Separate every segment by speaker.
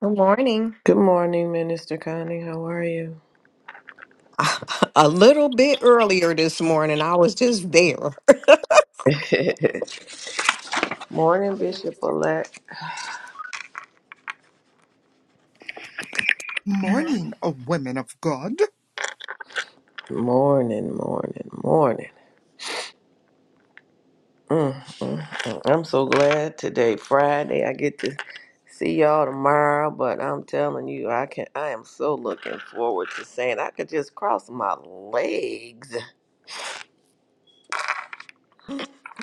Speaker 1: Good morning.
Speaker 2: Good morning, Minister Connie. How are you?
Speaker 1: A little bit earlier this morning, I was just there.
Speaker 2: Morning, Bishop Elect.
Speaker 3: Morning, O women of God.
Speaker 2: Morning, morning, morning. Mm, mm, mm. I'm so glad today, Friday. I get to see y'all tomorrow, but I'm telling you, I can. I am so looking forward to saying I could just cross my legs.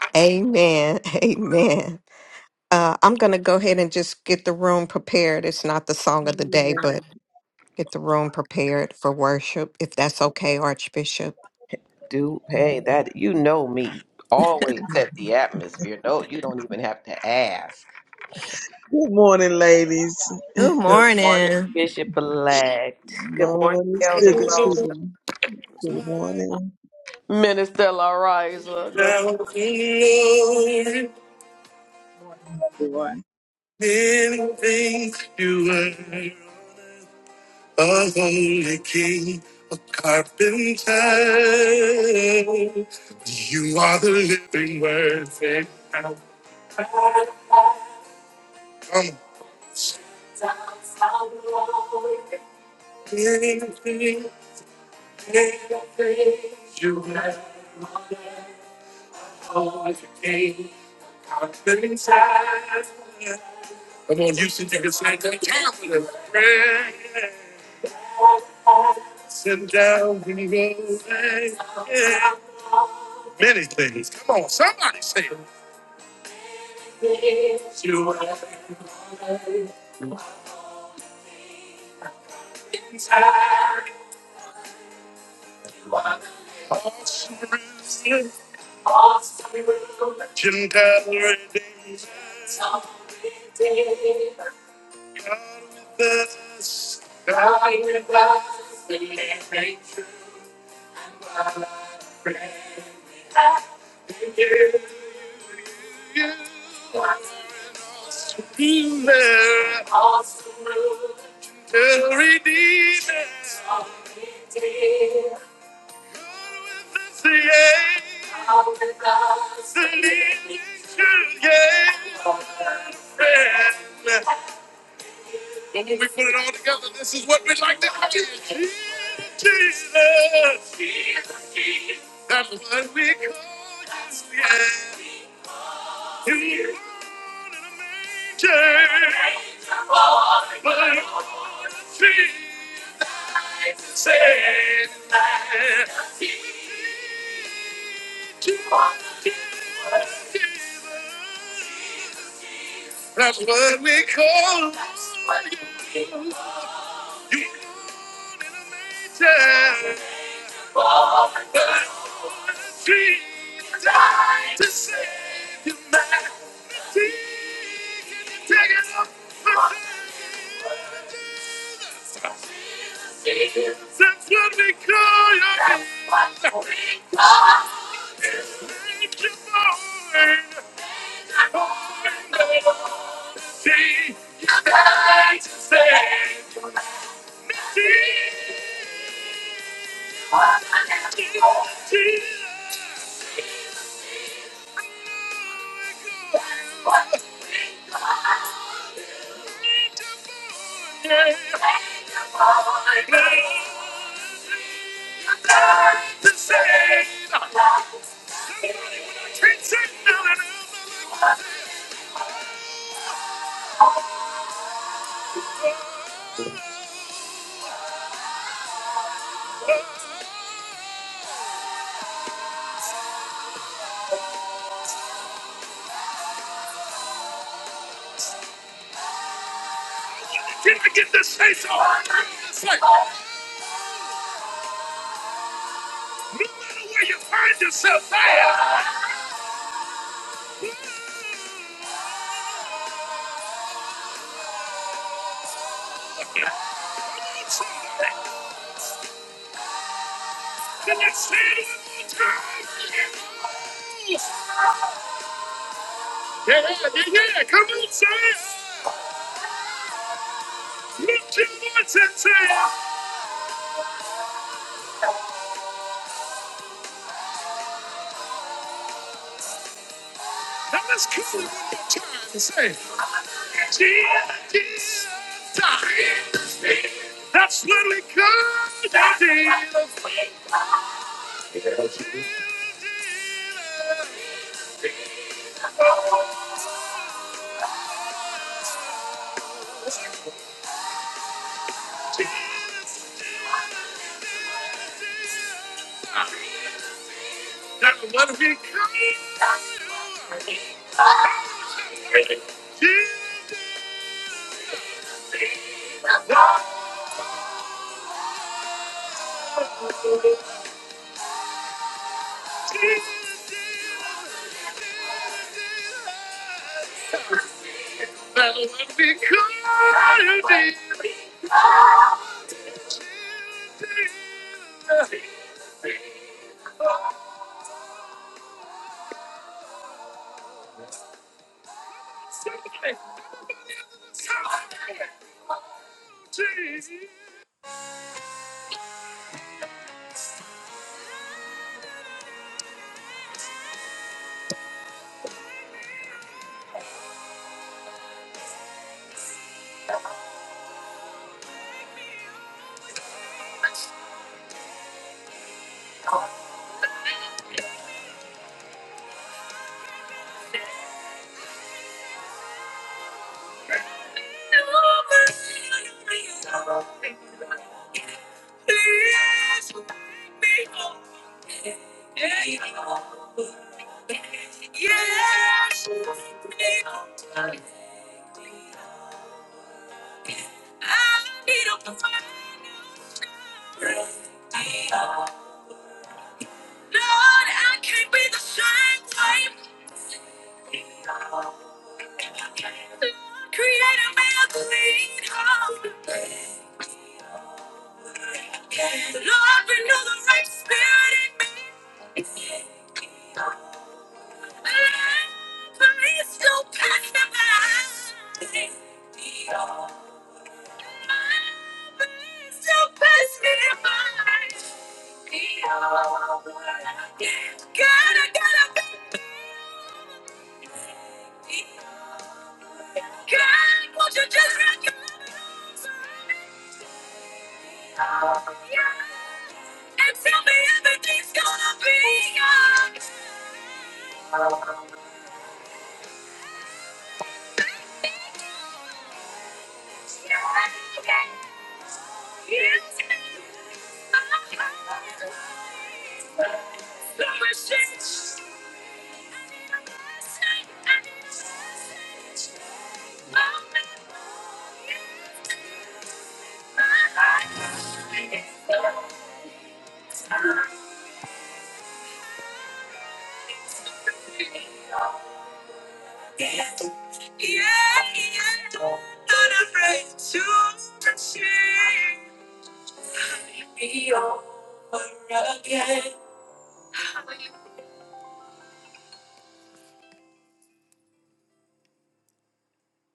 Speaker 1: Amen. Amen. Uh, I'm going to go ahead and just get the room prepared. It's not the song of the day,
Speaker 4: Good
Speaker 1: but get the room prepared for worship, if that's okay, Archbishop.
Speaker 2: Do hey that you know me always set the atmosphere. No, you don't even have to ask.
Speaker 4: morning, ladies.
Speaker 1: Good
Speaker 2: Good morning,
Speaker 1: morning.
Speaker 2: Bishop Elect. Good morning,
Speaker 4: Morning,
Speaker 2: Elder
Speaker 4: sugar,
Speaker 2: Rose.
Speaker 4: sugar. Good morning.
Speaker 2: Minister Larisa. Good
Speaker 5: everyone.
Speaker 1: A holy king, a carpenter. You are the living word. that I'll Come you are the holy king, carpenter. Come on, Houston, you can say that. Count the Sit down and go away. Many things. Come on, somebody say it. You are the king, Awesome, gentle redeemer, God with us. You are an awesome, tender redeemer. God with us, yeah, angel, yeah. friend. Put it all together. This is what we like to call it. Jesus. That's what we call you, yeah. You to My feet and say my feet to the That's what we call you major tree died to save humanity. Take it up. Since when we call your name, make your mind. See, I just say, see, see. I need you mine. The same. Somebody when I can't say nothing, Can I get this face on? It's like, no matter where you find yourself, I am. Yeah, yeah, yeah, come on, say it. Look to the words say Now let's kill it one more time and say it. Jesus, die. That's what we call the deal. That's what we call the deal, But when we come to the end, I'm sorry for the times I've been untrue.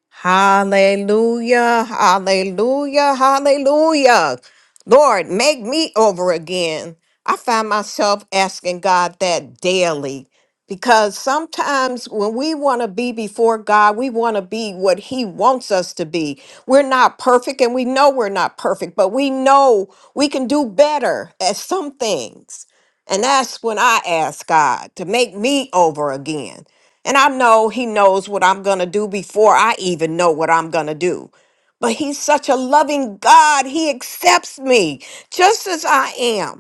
Speaker 1: Hallelujah, hallelujah, hallelujah. Lord, make me over again. I find myself asking God that daily because sometimes when we want to be before God, we want to be what He wants us to be. We're not perfect and we know we're not perfect, but we know we can do better at some things. And that's when I ask God to make me over again. And I know he knows what I'm going to do before I even know what I'm going to do. But he's such a loving God. He accepts me just as I am.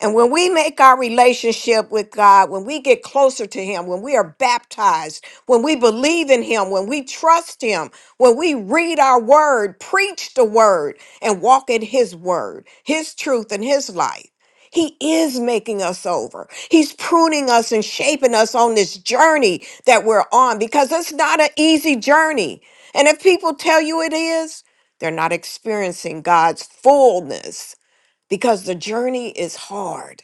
Speaker 1: And when we make our relationship with God, when we get closer to Him, when we are baptized, when we believe in Him, when we trust Him, when we read our word, preach the word, and walk in His word, His truth, and His life. He is making us over. He's pruning us and shaping us on this journey that we're on because it's not an easy journey. And if people tell you it is, they're not experiencing God's fullness because the journey is hard,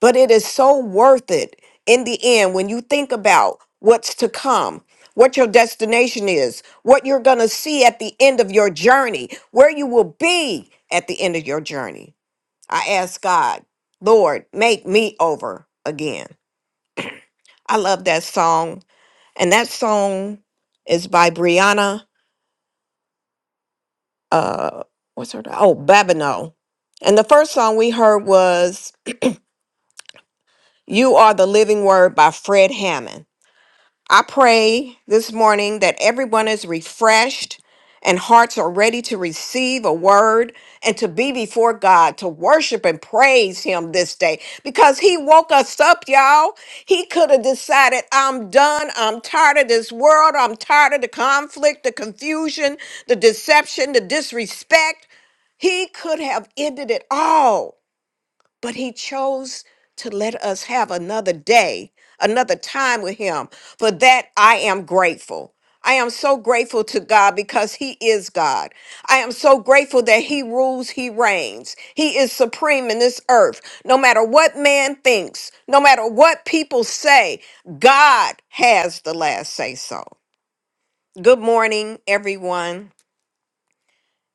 Speaker 1: but it is so worth it in the end when you think about what's to come, what your destination is, what you're going to see at the end of your journey, where you will be at the end of your journey. I ask God, Lord, make me over again. I love that song. And that song is by Brianna, uh, what's her, name? oh, Babineau. And the first song we heard was You are the living word by Fred Hammond. I pray this morning that everyone is refreshed and hearts are ready to receive a word and to be before God, to worship and praise Him this day because He woke us up, y'all. He could have decided, I'm done. I'm tired of this world. I'm tired of the conflict, the confusion, the deception, the disrespect. He could have ended it all but he chose to let us have another day, another time with him. For that, I am grateful. I am so grateful to God because he is God. I am so grateful that he rules, he reigns. He is supreme in this earth. No matter what man thinks, no matter what people say, God has the last say so. Good morning, everyone.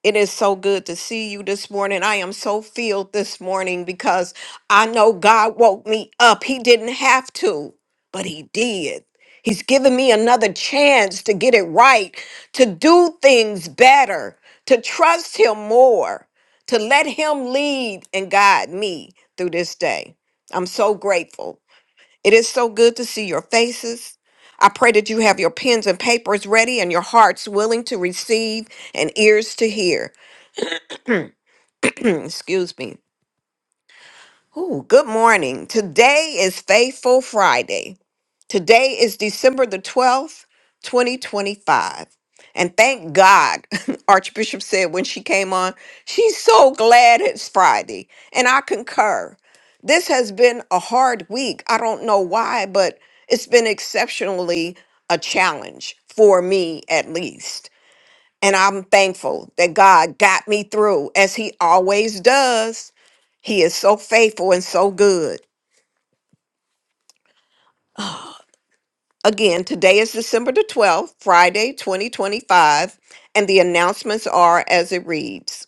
Speaker 1: It is so good to see you this morning. I am so filled this morning because I know God woke me up. He didn't have to, but He did. He's given me another chance to get it right, to do things better, to trust Him more, to let Him lead and guide me through this day. I'm so grateful. It is so good to see your faces. I pray that you have your pens and papers ready and your hearts willing to receive and ears to hear excuse me. Ooh, good morning. Today is Faithful Friday. Today is December the 12th, 2025. And thank God, Archbishop said when she came on, she's so glad it's Friday. And I concur. This has been a hard week. I don't know why, but it's been exceptionally a challenge for me at least. And I'm thankful that God got me through as he always does. He is so faithful and so good. Again, today is December the 12th, Friday, 2025, and the announcements are as it reads.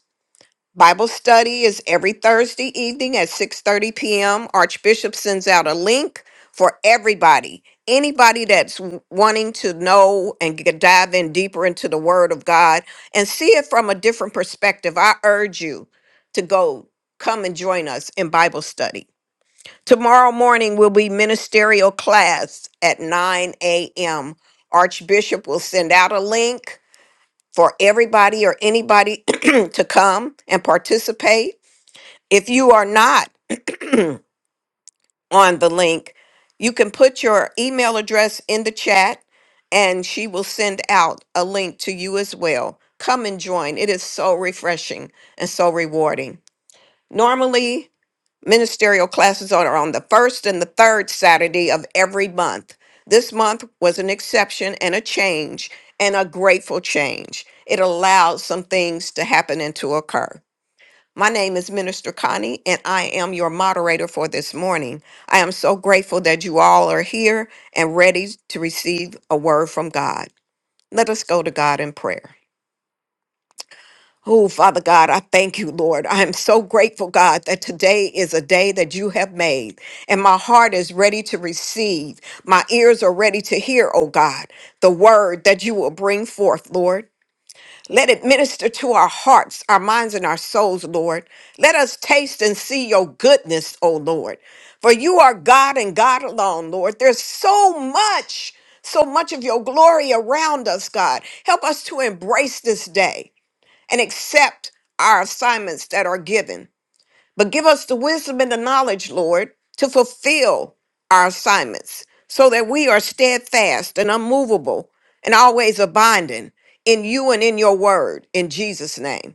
Speaker 1: Bible study is every Thursday evening at 6:30 p.m. Archbishop sends out a link for everybody. Anybody that's w- wanting to know and get, dive in deeper into the word of God and see it from a different perspective, I urge you to go come and join us in Bible study. Tomorrow morning will be ministerial class at 9 a.m. Archbishop will send out a link for everybody or anybody to come and participate. If you are not on the link, you can put your email address in the chat and she will send out a link to you as well. Come and join. It is so refreshing and so rewarding. Normally, Ministerial classes are on the first and the third Saturday of every month. This month was an exception and a change, and a grateful change. It allowed some things to happen and to occur. My name is Minister Connie, and I am your moderator for this morning. I am so grateful that you all are here and ready to receive a word from God. Let us go to God in prayer. Oh, Father God, I thank you, Lord. I am so grateful, God, that today is a day that you have made, and my heart is ready to receive. My ears are ready to hear, oh God, the word that you will bring forth, Lord. Let it minister to our hearts, our minds, and our souls, Lord. Let us taste and see your goodness, O Lord. For you are God and God alone, Lord. There's so much, so much of your glory around us, God. Help us to embrace this day and accept our assignments that are given. But give us the wisdom and the knowledge, Lord, to fulfill our assignments so that we are steadfast and unmovable and always abiding in you and in your word. In Jesus' name.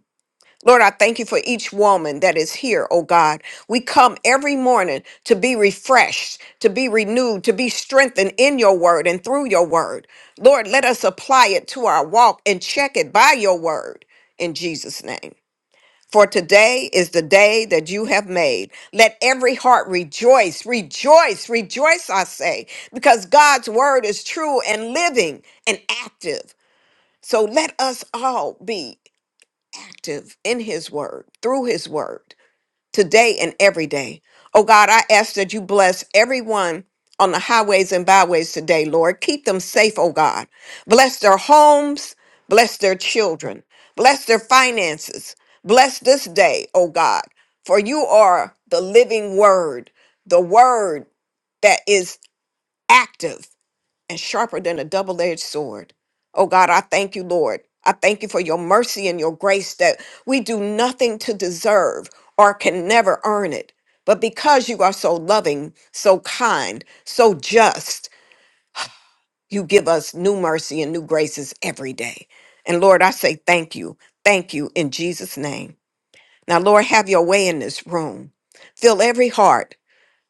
Speaker 1: Lord, I thank you for each woman that is here, oh God. We come every morning to be refreshed, to be renewed, to be strengthened in your word and through your word. Lord, let us apply it to our walk and check it by your word in Jesus' name. For today is the day that you have made. Let every heart rejoice, rejoice, rejoice, I say, because God's word is true and living and active. So let us all be active in his word, through his word, today and every day. Oh God, I ask that you bless everyone on the highways and byways today, Lord. Keep them safe, oh God. Bless their homes, bless their children, bless their finances, bless this day, oh God, for you are the living word, the word that is active and sharper than a double edged sword. Oh God, I thank you, Lord. I thank you for your mercy and your grace that we do nothing to deserve or can never earn it. But because you are so loving, so kind, so just, you give us new mercy and new graces every day. And Lord, I say thank you. Thank you in Jesus' name. Now, Lord, have your way in this room. Fill every heart,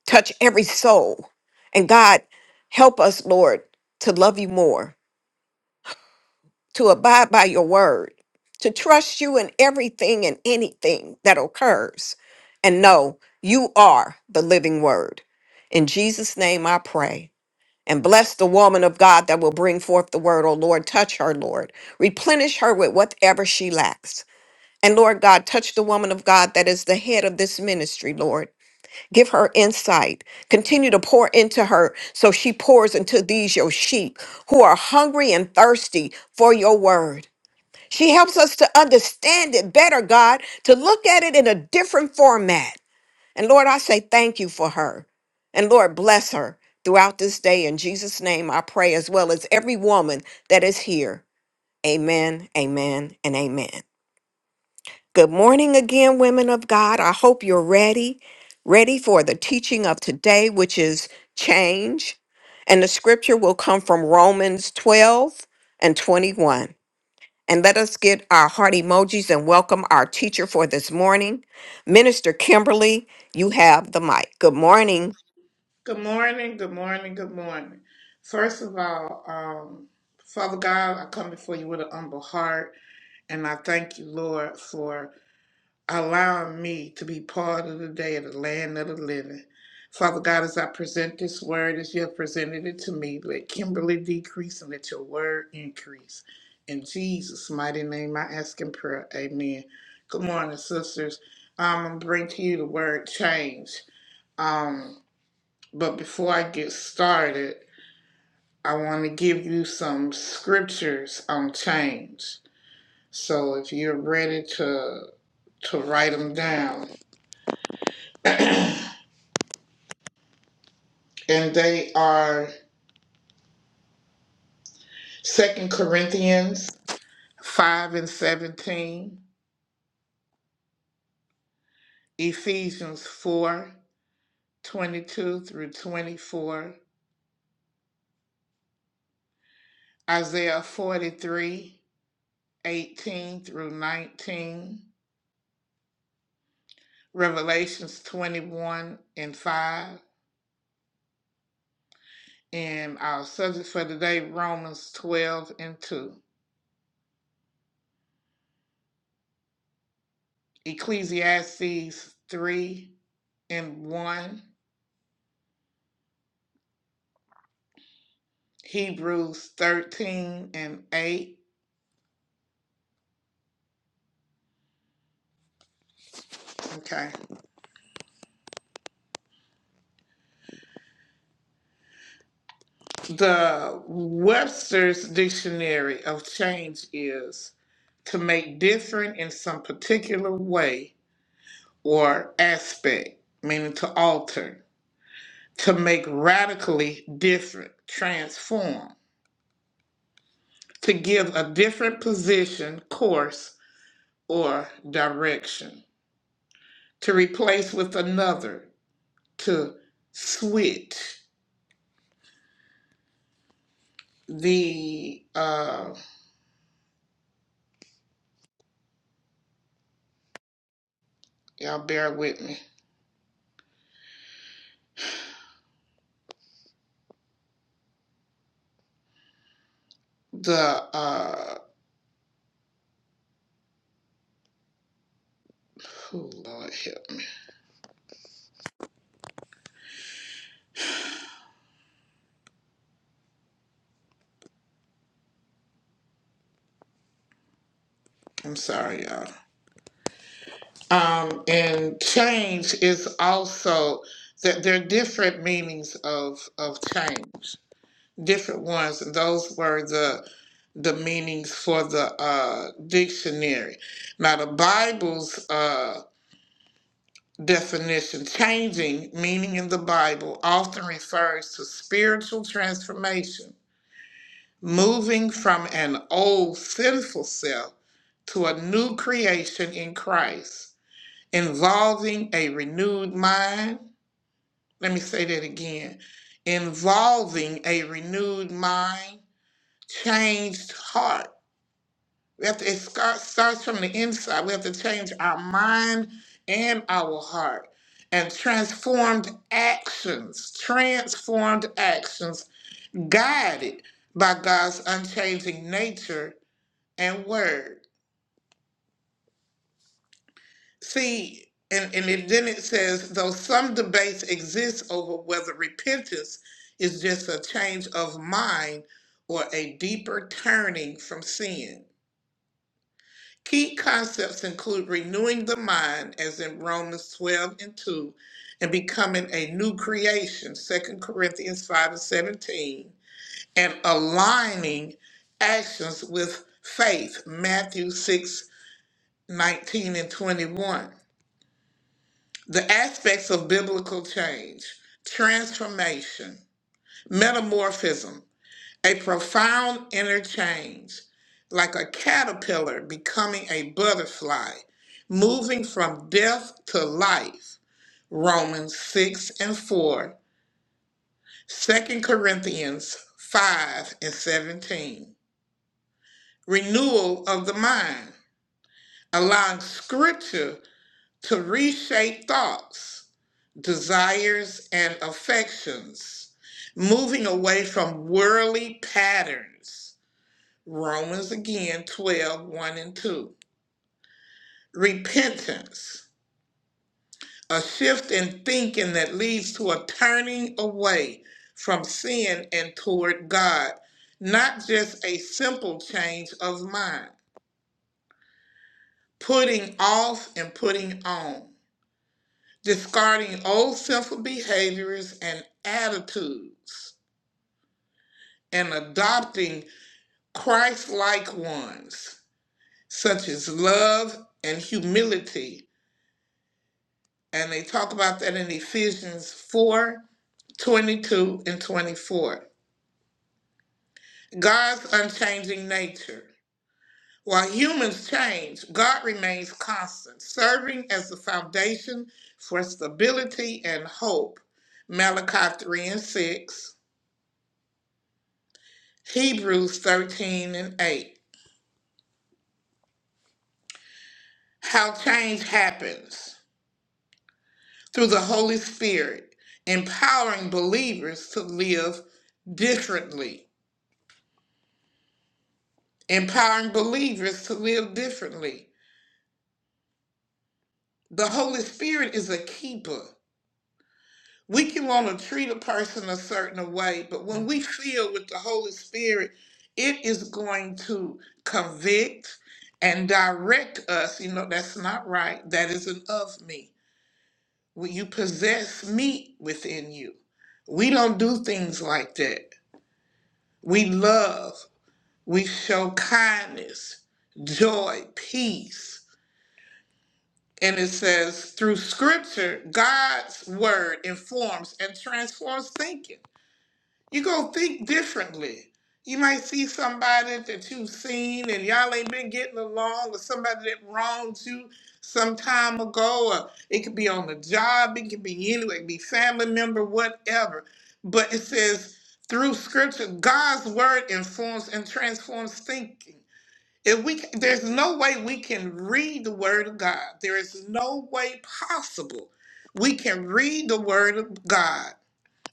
Speaker 1: touch every soul. And God, help us, Lord, to love you more to abide by your word, to trust you in everything and anything that occurs, and know you are the living word. In Jesus' name I pray. And bless the woman of God that will bring forth the word, O Lord. Touch her, Lord. Replenish her with whatever she lacks. And Lord God, touch the woman of God that is the head of this ministry, Lord. Give her insight. Continue to pour into her so she pours into these your sheep who are hungry and thirsty for your word. She helps us to understand it better, God, to look at it in a different format. And Lord, I say thank you for her. And Lord, bless her throughout this day. In Jesus' name, I pray, as well as every woman that is here. Amen, amen, and amen. Good morning again, women of God. I hope you're ready, ready for the teaching of today, which is change. And the scripture will come from Romans 12 and 21. And let us get our heart emojis and welcome our teacher for this morning. Minister Kimberly, you have the mic. Good morning.
Speaker 6: Good morning, good morning, good morning. First of all, um, Father God, I come before you with an humble heart, and I thank you, Lord, for allowing me to be part of the day of the land of the living. Father God, as I present this word as you have presented it to me, let Kimberly decrease and let your word increase. In Jesus' mighty name, I ask in prayer. Amen. Good morning, sisters. Um, I'm bringing to bring to you the word change. Um, but before I get started, I want to give you some scriptures on change. So if you're ready to to write them down, and they are Second Corinthians 5 and 17, Ephesians four twenty-two through 24, Isaiah 43 18 through 19, Revelations 21 and 5, And our subject for today, Romans 12 and 2, Ecclesiastes 3 and 1, Hebrews 13 and 8. Okay. The Webster's Dictionary of Change is to make different in some particular way or aspect, meaning to alter, to make radically different, transform, to give a different position, course, or direction, to replace with another, to switch the uh y'all bear with me. The uh oh Lord help me. I'm sorry y'all. Um and change is also that there are different meanings of of change. Different ones. And those were the the meanings for the uh dictionary. Now the Bible's uh, definition, changing meaning in the Bible often refers to spiritual transformation, moving from an old sinful self to a new creation in Christ, involving a renewed mind. Let me say that again involving a renewed mind, changed heart We have to, it scar- starts from the inside. We have to change our mind and our heart and transformed actions, transformed actions guided by God's unchanging nature and word. See, and, and it, then it says, though some debates exist over whether repentance is just a change of mind or a deeper turning from sin. Key concepts include renewing the mind, as in Romans 12 and 2, and becoming a new creation, Second Corinthians 5 and 17, and aligning actions with faith, Matthew 6 19 and 21. The aspects of biblical change, transformation, metamorphism. A profound interchange, like a caterpillar becoming a butterfly, moving from death to life. Romans 6 and 4, Second Corinthians 5 and 17. Renewal of the mind, allowing scripture to reshape thoughts, desires, and affections, moving away from worldly patterns Romans again twelve one and 2. Repentance, a shift in thinking that leads to a turning away from sin and toward God, not just a simple change of mind, putting off and putting on, discarding old sinful behaviors and attitudes, and adopting Christ like ones, such as love and humility And they talk about that in Ephesians 4:22 and 24. God's unchanging nature. While humans change, God remains constant, serving as the foundation for stability and hope. Malachi 3 and 6, Hebrews 13 and 8. How change happens through the Holy Spirit, empowering believers to live differently empowering believers to live differently. The Holy Spirit is a keeper. We can want to treat a person a certain way, but when we feel with the Holy Spirit, it is going to convict and direct us. You know, that's not right. That isn't of me. Well, You possess me within you. We don't do things like that. We love, we show kindness, joy, peace and it says through scripture god's word informs and transforms thinking you go think differently you might see somebody that you've seen and y'all ain't been getting along or somebody that wronged you some time ago or it could be on the job it could be anywhere it could be family member whatever but it says through scripture god's word informs and transforms thinking if we there's no way we can read the word of God. There is no way possible we can read the word of God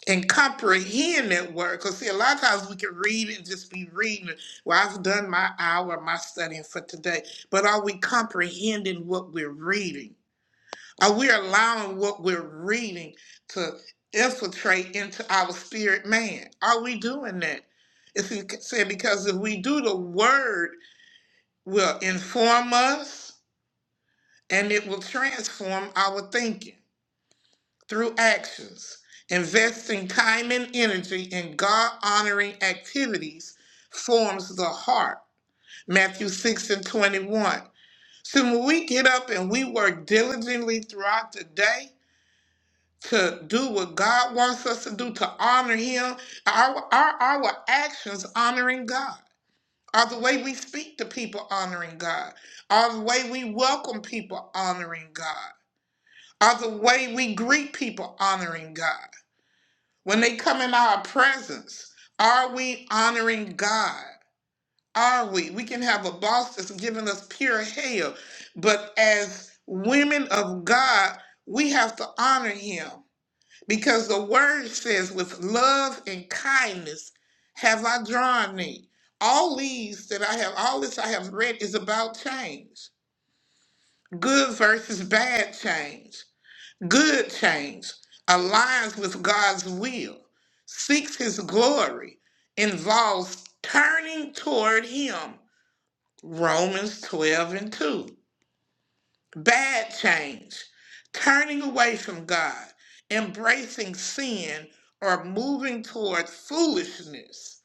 Speaker 6: and comprehend that word. Because see, a lot of times we can read and just be reading. Well, I've done my hour, my studying for today. But are we comprehending what we're reading? Are we allowing what we're reading to infiltrate into our spirit man? Are we doing that? If you said because if we do the word will inform us and it will transform our thinking through actions. Investing time and energy in God honoring activities forms the heart. Matthew 6 and 21. So when we get up and we work diligently throughout the day to do what God wants us to do, to honor Him, our, our, our actions honoring God. Are the way we speak to people honoring God? Are the way we welcome people honoring God? Are the way we greet people honoring God? When they come in our presence, are we honoring God? Are we? We can have a boss that's giving us pure hell, but as women of God, we have to honor him. Because the word says, with love and kindness have I drawn thee. All these that I have, all this I have read is about change. Good versus bad change. Good change aligns with God's will, seeks his glory, involves turning toward him. Romans 12 and 2. Bad change, turning away from God, embracing sin, or moving toward foolishness.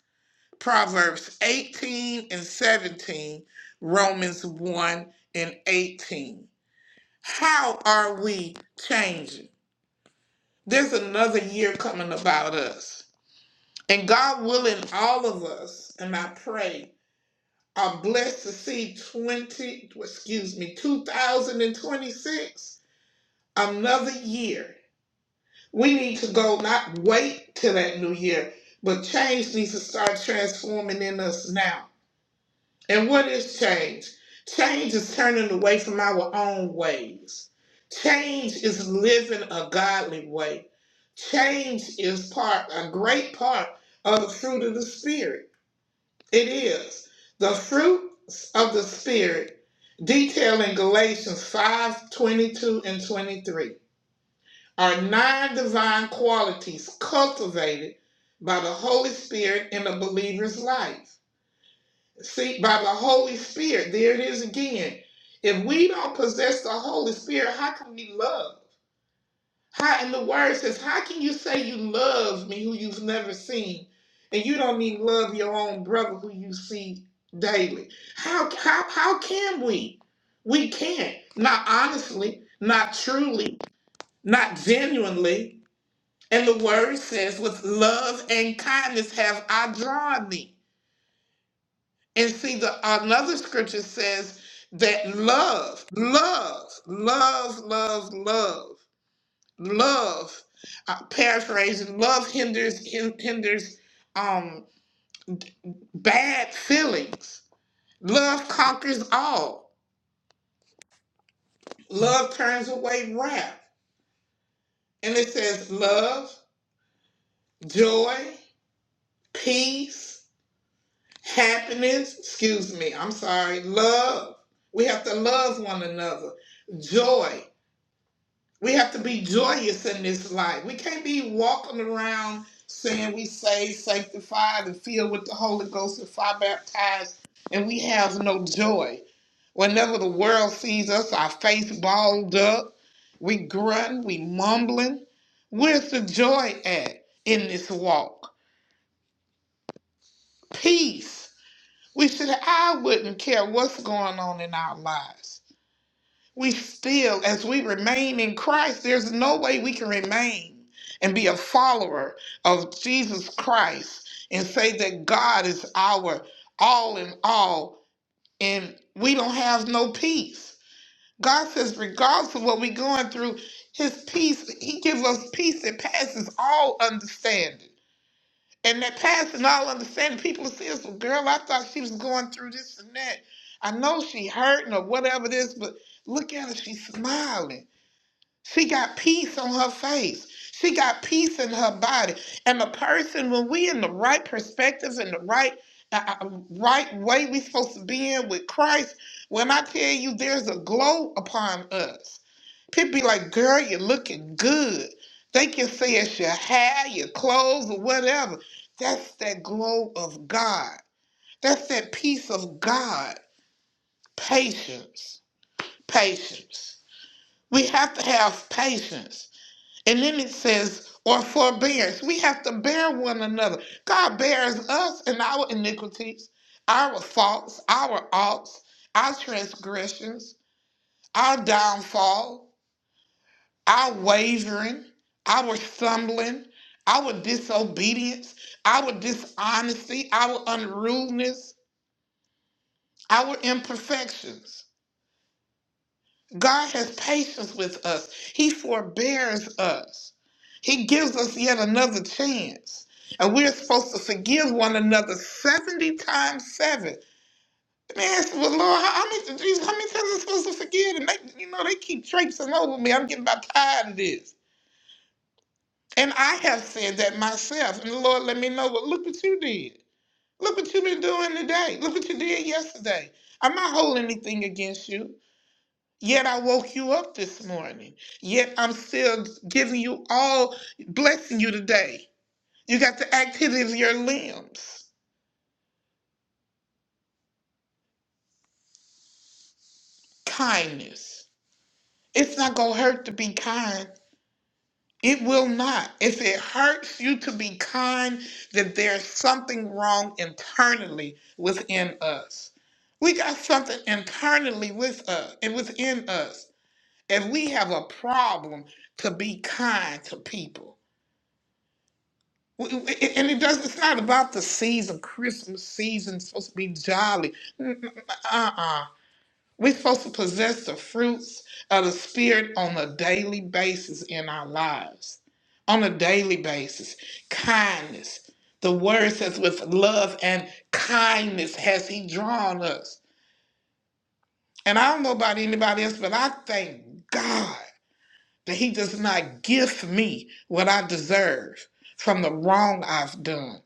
Speaker 6: Proverbs 18 and 17, Romans 1 and 18. How are we changing? There's another year coming about us. And God willing, all of us, and I pray, are blessed to see 20, excuse me, 2026, another year We need to go not wait till that new year, but change needs to start transforming in us now. And what is change? Change is turning away from our own ways. Change is living a godly way. Change is part, a great part of the fruit of the Spirit. It is. The fruits of the Spirit detailed in Galatians 5 22 and 23 are nine divine qualities cultivated by the Holy Spirit in a believer's life. See, by the Holy Spirit, there it is again. If we don't possess the Holy Spirit, how can we love? How And the word says, how can you say you love me who you've never seen, and you don't even love your own brother who you see daily? How how how can we? We can't. Not honestly, not truly, not genuinely. And the word says, with love and kindness have I drawn thee. And see, the another scripture says that love, love, love, love, love, love. Uh, paraphrasing, love hinders hin- hinders um, bad feelings. Love conquers all. Love turns away wrath. And it says love, joy, peace. happiness, excuse me, I'm sorry, love. We have to love one another. Joy. We have to be joyous in this life. We can't be walking around saying we saved, sanctified, and filled with the Holy Ghost and fire baptized, and we have no joy. Whenever the world sees us, our face balled up, we grunt, we mumbling. Where's the joy at in this walk? Peace. We should, I wouldn't care what's going on in our lives. We still, as we remain in Christ, there's no way we can remain and be a follower of Jesus Christ and say that God is our all in all and we don't have no peace. God says, regardless of what we're going through, His peace, He gives us peace that passes all understanding. And that passing all understanding, people will see us, well, girl, I thought she was going through this and that. I know she hurting or whatever it is, but look at her, she's smiling. She got peace on her face. She got peace in her body. And the person, when we in the right perspective and the right uh, uh, uh, right way we supposed to be in with Christ, when I tell you there's a glow upon us. People be like, girl, you're looking good. They can say it's your hair, your clothes, or whatever. That's that glow of God. That's that peace of God. Patience. Patience. We have to have patience. And then it says, or forbearance. We have to bear one another. God bears us and our iniquities, our faults, our oughts, our transgressions, our downfall. our wavering, our stumbling, our disobedience, our dishonesty, our unruliness, our imperfections. God has patience with us. He forbears us. He gives us yet another chance. And we're supposed to forgive one another 70 times 7. Man, I said, well, Lord, how, how many Jesus, how many times am I supposed to forgive? And they, you know, they keep traipsing over me. I'm getting about tired of this. And I have said that myself. And the Lord let me know, well, look what you did. Look what you've been doing today. Look what you did yesterday. I'm not holding anything against you. Yet I woke you up this morning. Yet I'm still giving you all, blessing you today. You got the activity of your limbs. Kindness. It's not going to hurt to be kind. It will not. If it hurts you to be kind, then there's something wrong internally within us. We got something internally with us and within us. And we have a problem to be kind to people. W- w- a- And it does, it's not about the season, Christmas season, it's supposed to be jolly. Uh uh we're supposed to possess the fruits of the Spirit on a daily basis in our lives, on a daily basis. Kindness. The word says, with love and kindness has He drawn us. And I don't know about anybody else, but I thank God that He does not gift me what I deserve from the wrong I've done.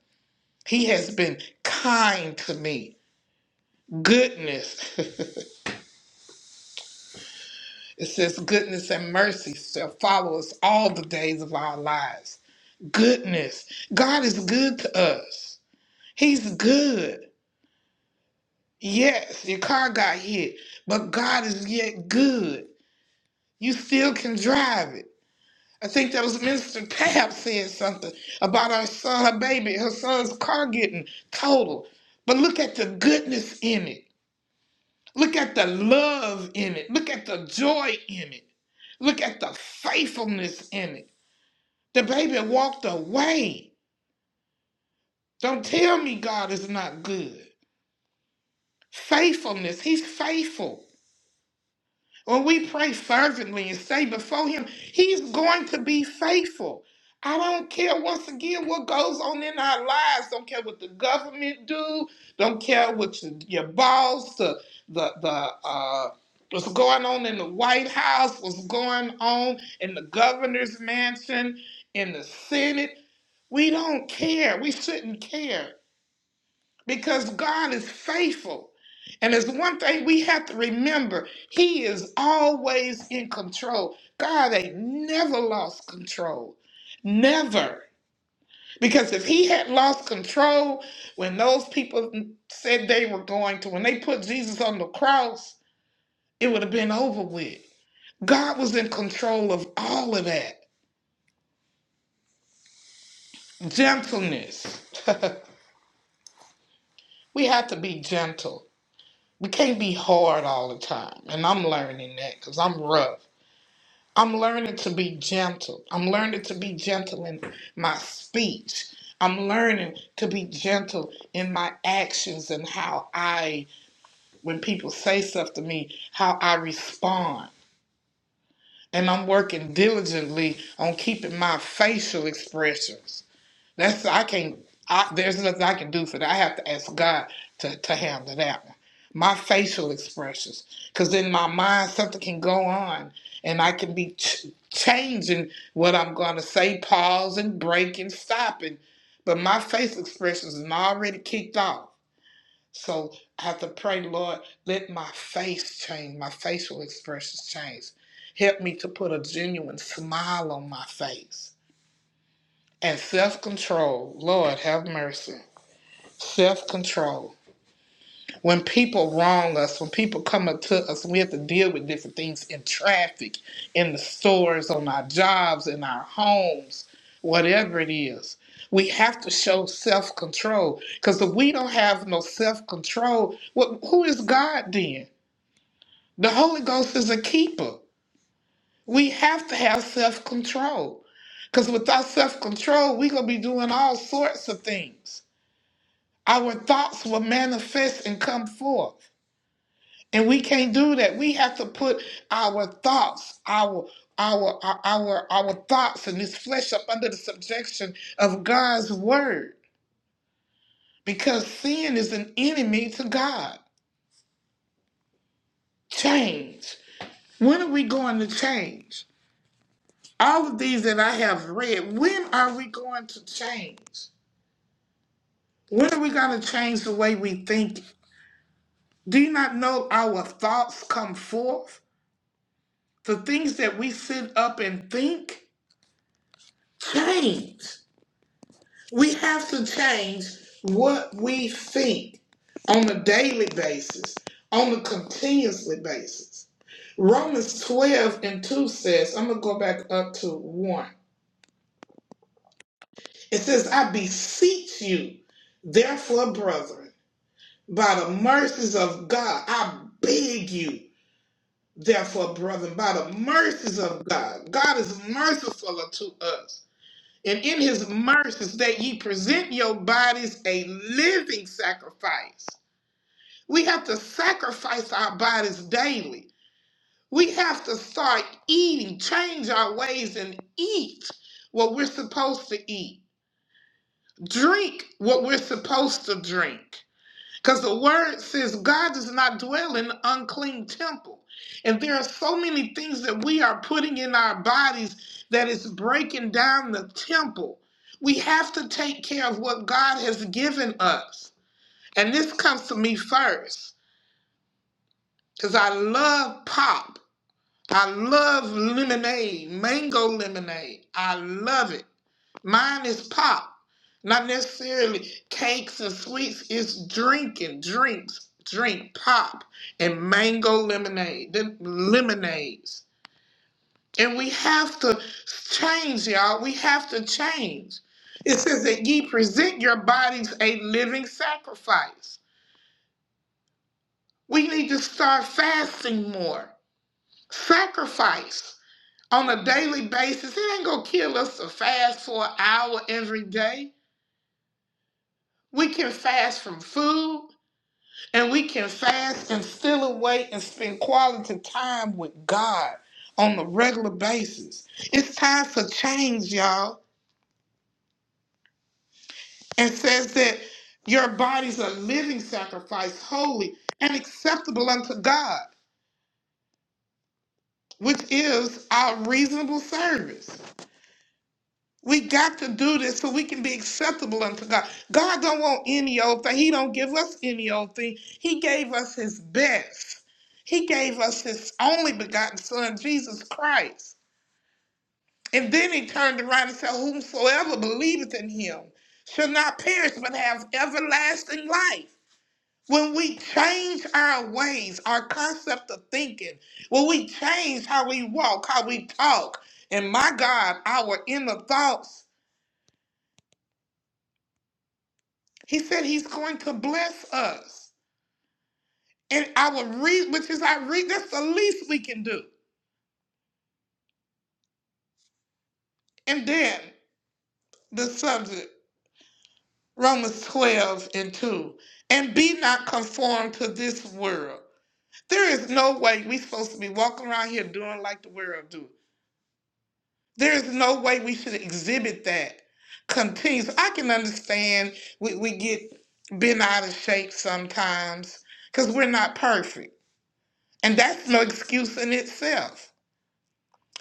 Speaker 6: He has been kind to me. Goodness. It says, Goodness and mercy shall follow us all the days of our lives. Goodness. God is good to us. He's good. Yes, your car got hit, but God is yet good. You still can drive it. I think that was Minister Tab said something about her son, her baby, her son's car getting totaled. But look at the goodness in it. Look at the love in it. Look at the joy in it. Look at the faithfulness in it. The baby walked away. Don't tell me God is not good. Faithfulness, He's faithful. When we pray fervently and stay before Him, He's going to be faithful. I don't care once again what goes on in our lives. Don't care what the government do. Don't care what your, your boss, the the the uh, what's going on in the White House, what's going on in the governor's mansion, in the Senate. We don't care. We shouldn't care because God is faithful. And it's one thing we have to remember He is always in control. God ain't never lost control. Never. Because if He had lost control when those people said they were going to, when they put Jesus on the cross, it would have been over with. God was in control of all of that. Gentleness. we have to be gentle we can't be hard all the time. And I'm learning that because I'm rough. I'm learning to be gentle. I'm learning to be gentle in my speech. I'm learning to be gentle in my actions and how I, when people say stuff to me, how I respond. And I'm working diligently on keeping my facial expressions. That's I can't. I, there's nothing I can do for that. I have to ask God to to handle that one. My facial expressions, because in my mind something can go on, and I can be ch- changing what I'm going to say, pausing, breaking, stopping, but my face expressions is already kicked off. So I have to pray, Lord, let my face change, my facial expressions change. Help me to put a genuine smile on my face and self control. Lord, have mercy. Self control. When people wrong us, when people come up to us, we have to deal with different things in traffic, in the stores, on our jobs, in our homes, whatever it is. We have to show self control because if we don't have no self control, what, who is God then? The Holy Ghost is a keeper. We have to have self control because without self control, we're going to be doing all sorts of things Our thoughts will manifest and come forth. And we can't do that. We have to put our thoughts, our our our our, our thoughts and this flesh up under the subjection of God's word. Because sin is an enemy to God. Change. When are we going to change? All of these that I have read, when are we going to change? When are we going to change the way we think? Do you not know our thoughts come forth? the things that we sit up and think change. We have to change what we think on a daily basis, on a continuously basis. Romans 12 and 2 says, I'm going to go back up to 1. It says, I beseech you, therefore, brethren, by the mercies of God, I beg you, therefore, brethren, by the mercies of God. God is merciful unto us And in his mercies that ye present your bodies a living sacrifice. We have to sacrifice our bodies daily. We have to start eating, change our ways and eat what we're supposed to eat. Drink what we're supposed to drink. Because the word says God does not dwell in an unclean temple. And there are so many things that we are putting in our bodies that is breaking down the temple. We have to take care of what God has given us. And this comes to me first because I love pop. I love lemonade, mango lemonade. I love it. Mine is pop, not necessarily cakes and sweets. It's drinking, drinks, drink pop, and mango lemonade, then lemonades. And we have to change, y'all. We have to change. It says that ye present your bodies a living sacrifice. We need to start fasting more. Sacrifice on a daily basis. It ain't gonna kill us to fast for an hour every day. We can fast from food. And we can fast and still away and spend quality time with God on a regular basis. It's time for change, y'all. And says that your body's a living sacrifice, holy and acceptable unto God, which is our reasonable service. We got to do this so we can be acceptable unto God. God don't want any old thing. He don't give us any old thing. He gave us his best. He gave us his only begotten son, Jesus Christ. And then he turned around and said, Whomsoever believeth in him shall not perish but have everlasting life. When we change our ways, our concept of thinking, when we change how we walk, how we talk, and my God, our inner thoughts, He said he's going to bless us. And our re which is our re that's the least we can do. And then the subject, Romans 12 and 2. And be not conformed to this world. There is no way we are supposed to be walking around here doing like the world do. There is no way we should exhibit that. Continues. I can understand we, we get bent out of shape sometimes because we're not perfect. And that's no excuse in itself.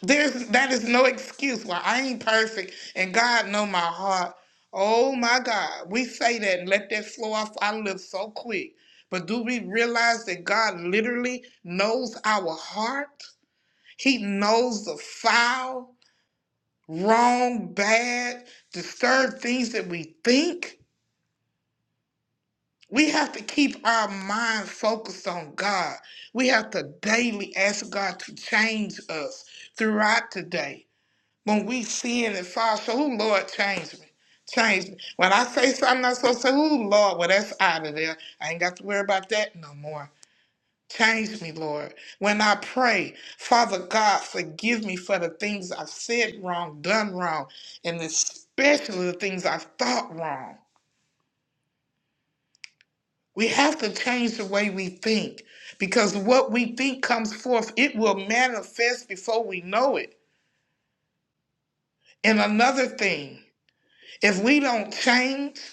Speaker 6: There's that is no excuse why I ain't perfect and God know my heart. Oh my God. We say that and let that flow off our lips so quick. But do we realize that God literally knows our heart? He knows the foul, wrong, bad, disturbed things that we think. We have to keep our mind focused on God. We have to daily ask God to change us throughout the day when we sin and fall short, who Lord change me. Change me. When I say something I'm supposed to say, "Oh Lord, well that's out of there. I ain't got to worry about that no more. Change me, Lord. When I pray, Father God, forgive me for the things I've said wrong, done wrong, and especially the things I've thought wrong. We have to change the way we think because what we think comes forth, it will manifest before we know it. And another thing, if we don't change,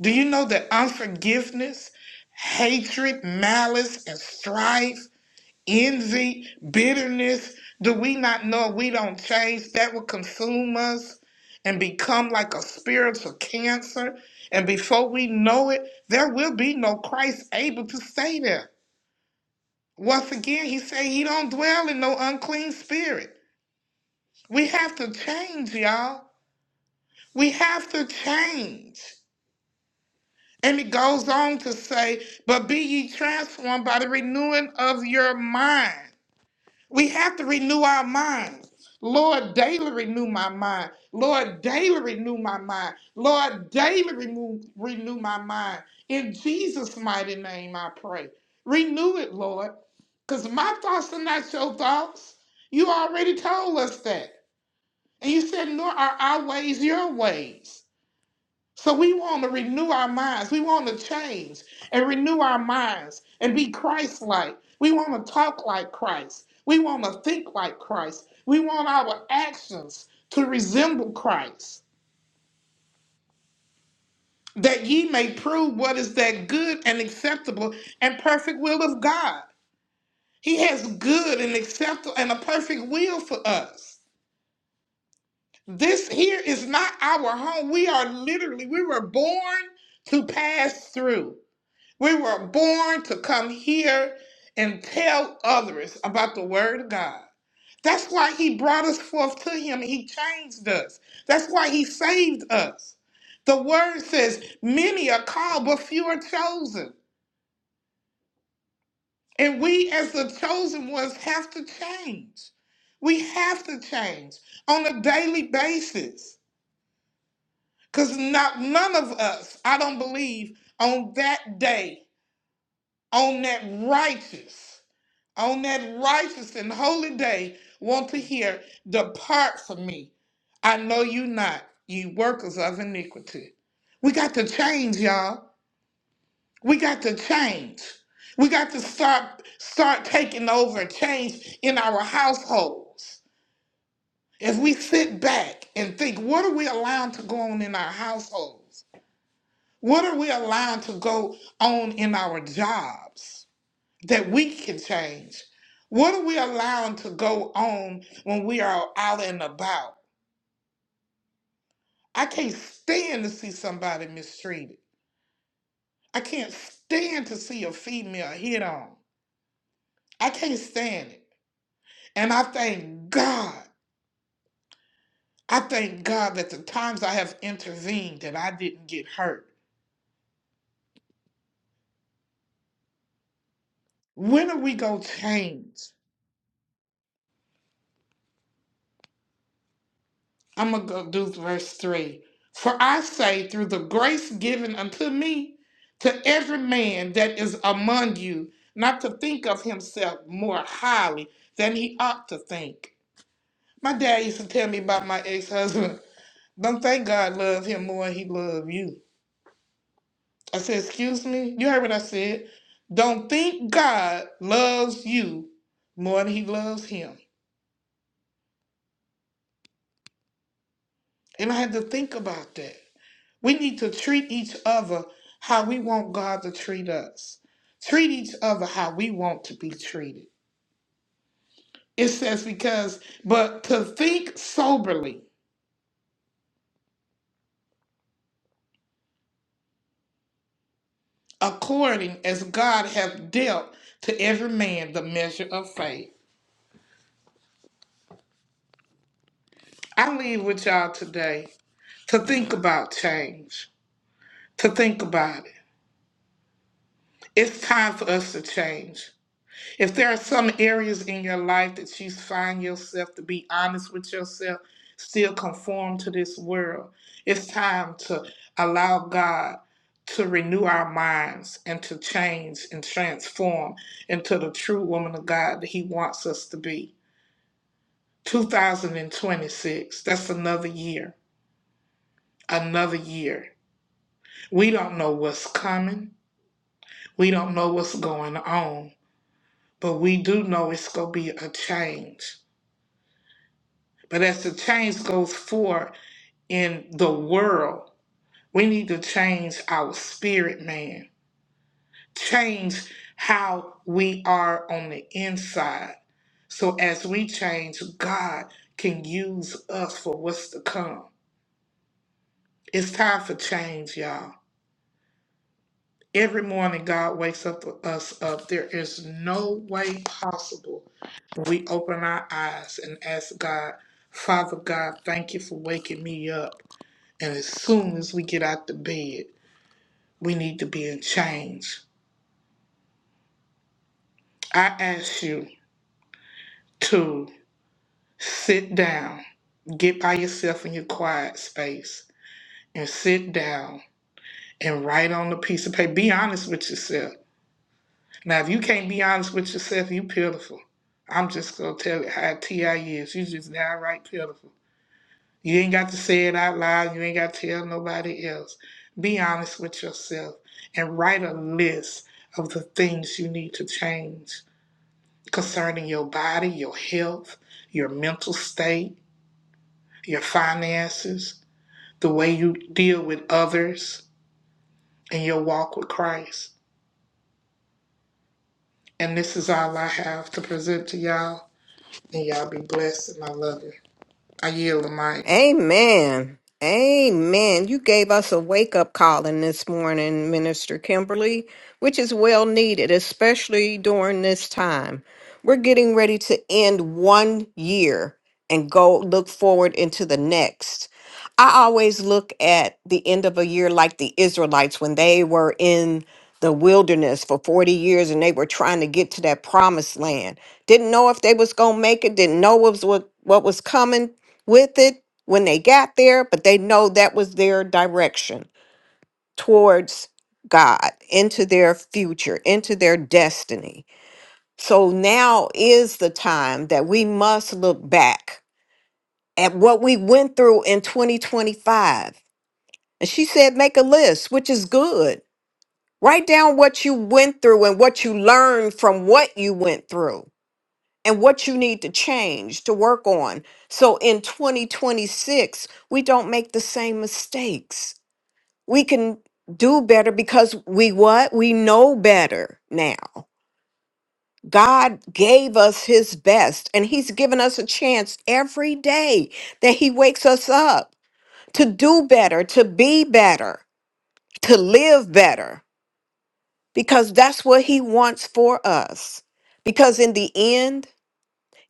Speaker 6: Do you know that unforgiveness, hatred, malice, and strife, envy, bitterness, do we not know if we don't change that will consume us and become like a spiritual cancer? And before we know it, there will be no Christ able to stay there. Once again, he said he don't dwell in no unclean spirit. We have to change, y'all. We have to change. And it goes on to say, but be ye transformed by the renewing of your mind. We have to renew our minds. Lord, daily renew my mind. Lord, daily renew my mind. Lord, daily renew, renew my mind. In Jesus' mighty name, I pray. Renew it, Lord, because my thoughts are not your thoughts. You already told us that. And you said, nor are our ways your ways. So we want to renew our minds. We want to change and renew our minds and be Christ like. We want to talk like Christ. We want to think like Christ. We want our actions to resemble Christ, that ye may prove what is that good and acceptable and perfect will of God. He has good and acceptable and a perfect will for us. This here is not our home. We are literally, we were born to pass through. We were born to come here and tell others about the Word of God. That's why He brought us forth to Him. and He changed us. That's why He saved us. The Word says, Many are called, but few are chosen. And we, as the chosen ones, have to change. We have to change on a daily basis. Because not none of us, I don't believe, on that day, on that righteous. on that righteous and holy day want to hear, Depart from me. I know you not, ye workers of iniquity. We got to change, y'all. We got to change. We got to start start taking over change in our households. If we sit back and think, what are we allowing to go on in our households? What are we allowing to go on in our jobs? that we can change? What are we allowing to go on when we are out and about? I can't stand to see somebody mistreated. I can't stand to see a female hit on. I can't stand it. And I thank God. I thank God that the times I have intervened that I didn't get hurt. When are we going to change? I'm going to go do verse 3. For I say, through the grace given unto me, to every man that is among you, not to think of himself more highly than he ought to think. My dad used to tell me about my ex husband. Don't think God loved him more than he loved you. I said, Excuse me? You heard what I said. Don't think God loves you more than he loves him. And I had to think about that. We need to treat each other how we want God to treat us. Treat each other how we want to be treated. It says, because, but to think soberly, according as God hath dealt to every man the measure of faith. I leave with y'all today to think about change, to think about it. It's time for us to change. If there are some areas in your life that you find yourself to be honest with yourself, still conform to this world, it's time to allow God to renew our minds and to change and transform into the true woman of God that He wants us to be. 2026, that's another year, another year. We don't know what's coming, we don't know what's going on, but we do know it's going to be a change. But as the change goes forth in the world, we need to change our spirit, man. Change how we are on the inside. So as we change, God can use us for what's to come. It's time for change, y'all. Every morning, God wakes up us up. There is no way possible we open our eyes and ask God, Father God, thank you for waking me up. And as soon as we get out the bed, we need to be in change. I ask you to sit down, get by yourself in your quiet space, and sit down and write on a piece of paper. Be honest with yourself. Now, if you can't be honest with yourself, you pitiful. I'm just gonna tell it how Ti is. You just downright pitiful. You ain't got to say it out loud. You ain't got to tell nobody else. Be honest with yourself and write a list of the things you need to change concerning your body, your health, your mental state, your finances, the way you deal with others, and your walk with Christ. And this is all I have to present to y'all. And y'all be blessed, and I love you. I yield the mic.
Speaker 1: Amen. Amen. You gave us a wake up calling this morning, Minister Kimberly, which is well needed, especially during this time. We're getting ready to end one year and go look forward into the next. I always look at the end of a year like the Israelites when they were in the wilderness for 40 years and they were trying to get to that promised land. Didn't know if they was going to make it, didn't know what was what, what was coming, with it when they got there, but they know that was their direction towards God, into their future, into their destiny. So now is the time that we must look back at what we went through in 2025. And she said, make a list, which is good. Write down what you went through and what you learned from what you went through. and what you need to change to work on. So in 2026, we don't make the same mistakes. We can do better because we what? We know better now. God gave us his best and he's given us a chance every day that he wakes us up to do better, to be better, to live better because that's what he wants for us. Because in the end,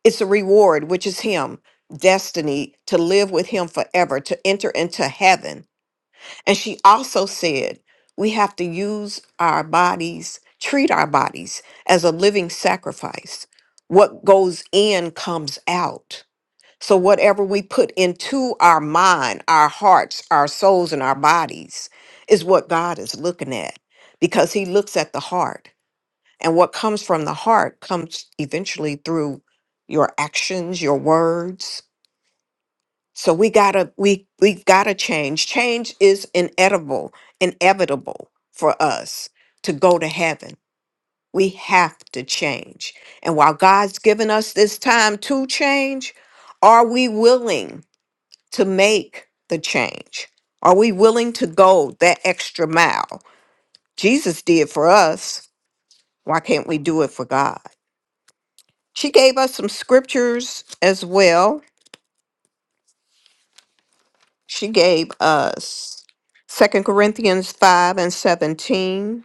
Speaker 1: It's a reward, which is Him, destiny to live with Him forever, to enter into heaven. And she also said, we have to use our bodies, treat our bodies as a living sacrifice. What goes in comes out. So, whatever we put into our mind, our hearts, our souls, and our bodies is what God is looking at because He looks at the heart. And what comes from the heart comes eventually through your actions, your words. So we gotta we we've gotta change. Change is inedible, inevitable for us to go to heaven. We have to change. And while God's given us this time to change, are we willing to make the change? Are we willing to go that extra mile? Jesus did for us. Why can't we do it for God? She gave us some scriptures as well. She gave us Second Corinthians 5 and 17,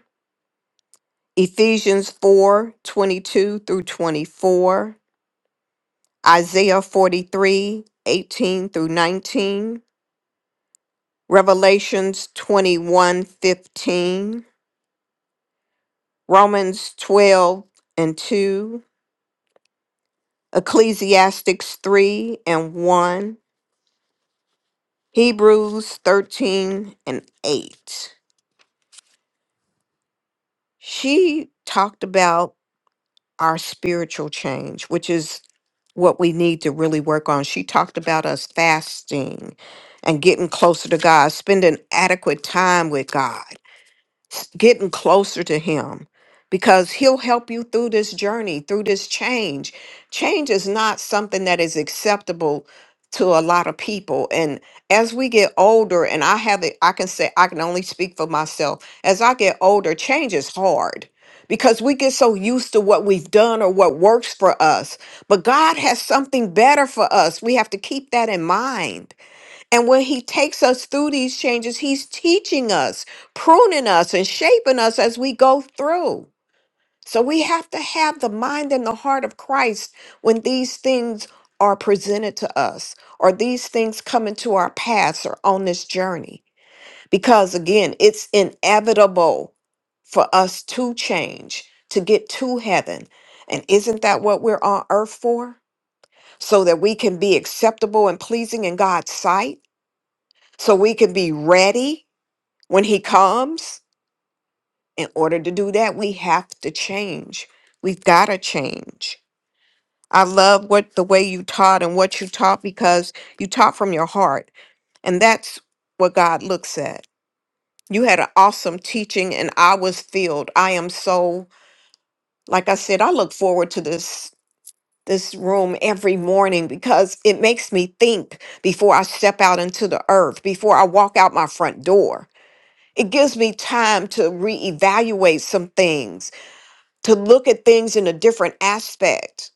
Speaker 1: Ephesians 4 22 through 24, Isaiah 43 18 through 19, Revelations 21 15, Romans 12 and 2, Ecclesiastics 3 and 1, Hebrews 13 and 8. She talked about our spiritual change, which is what we need to really work on. She talked about us fasting and getting closer to God, spending adequate time with God s- getting closer to him because he'll help you through this journey, through this change. Change is not something that is acceptable to a lot of people. And as we get older, and I have it, I can say, I can only speak for myself. As I get older, change is hard because we get so used to what we've done or what works for us. But God has something better for us. We have to keep that in mind. And when he takes us through these changes, he's teaching us, pruning us, and shaping us as we go through. So we have to have the mind and the heart of Christ when these things are presented to us or these things come into our paths or on this journey. Because again, it's inevitable for us to change, to get to heaven. And isn't that what we're on earth for? So that we can be acceptable and pleasing in God's sight? so we can be ready when he comes in order to do that we have to change we've got to change i love what the way you taught and what you taught because you taught from your heart and that's what god looks at you had an awesome teaching and i was filled i am so like i said i look forward to this this room every morning because it makes me think before i step out into the earth before i walk out my front door It gives me time to reevaluate some things, to look at things in a different aspect,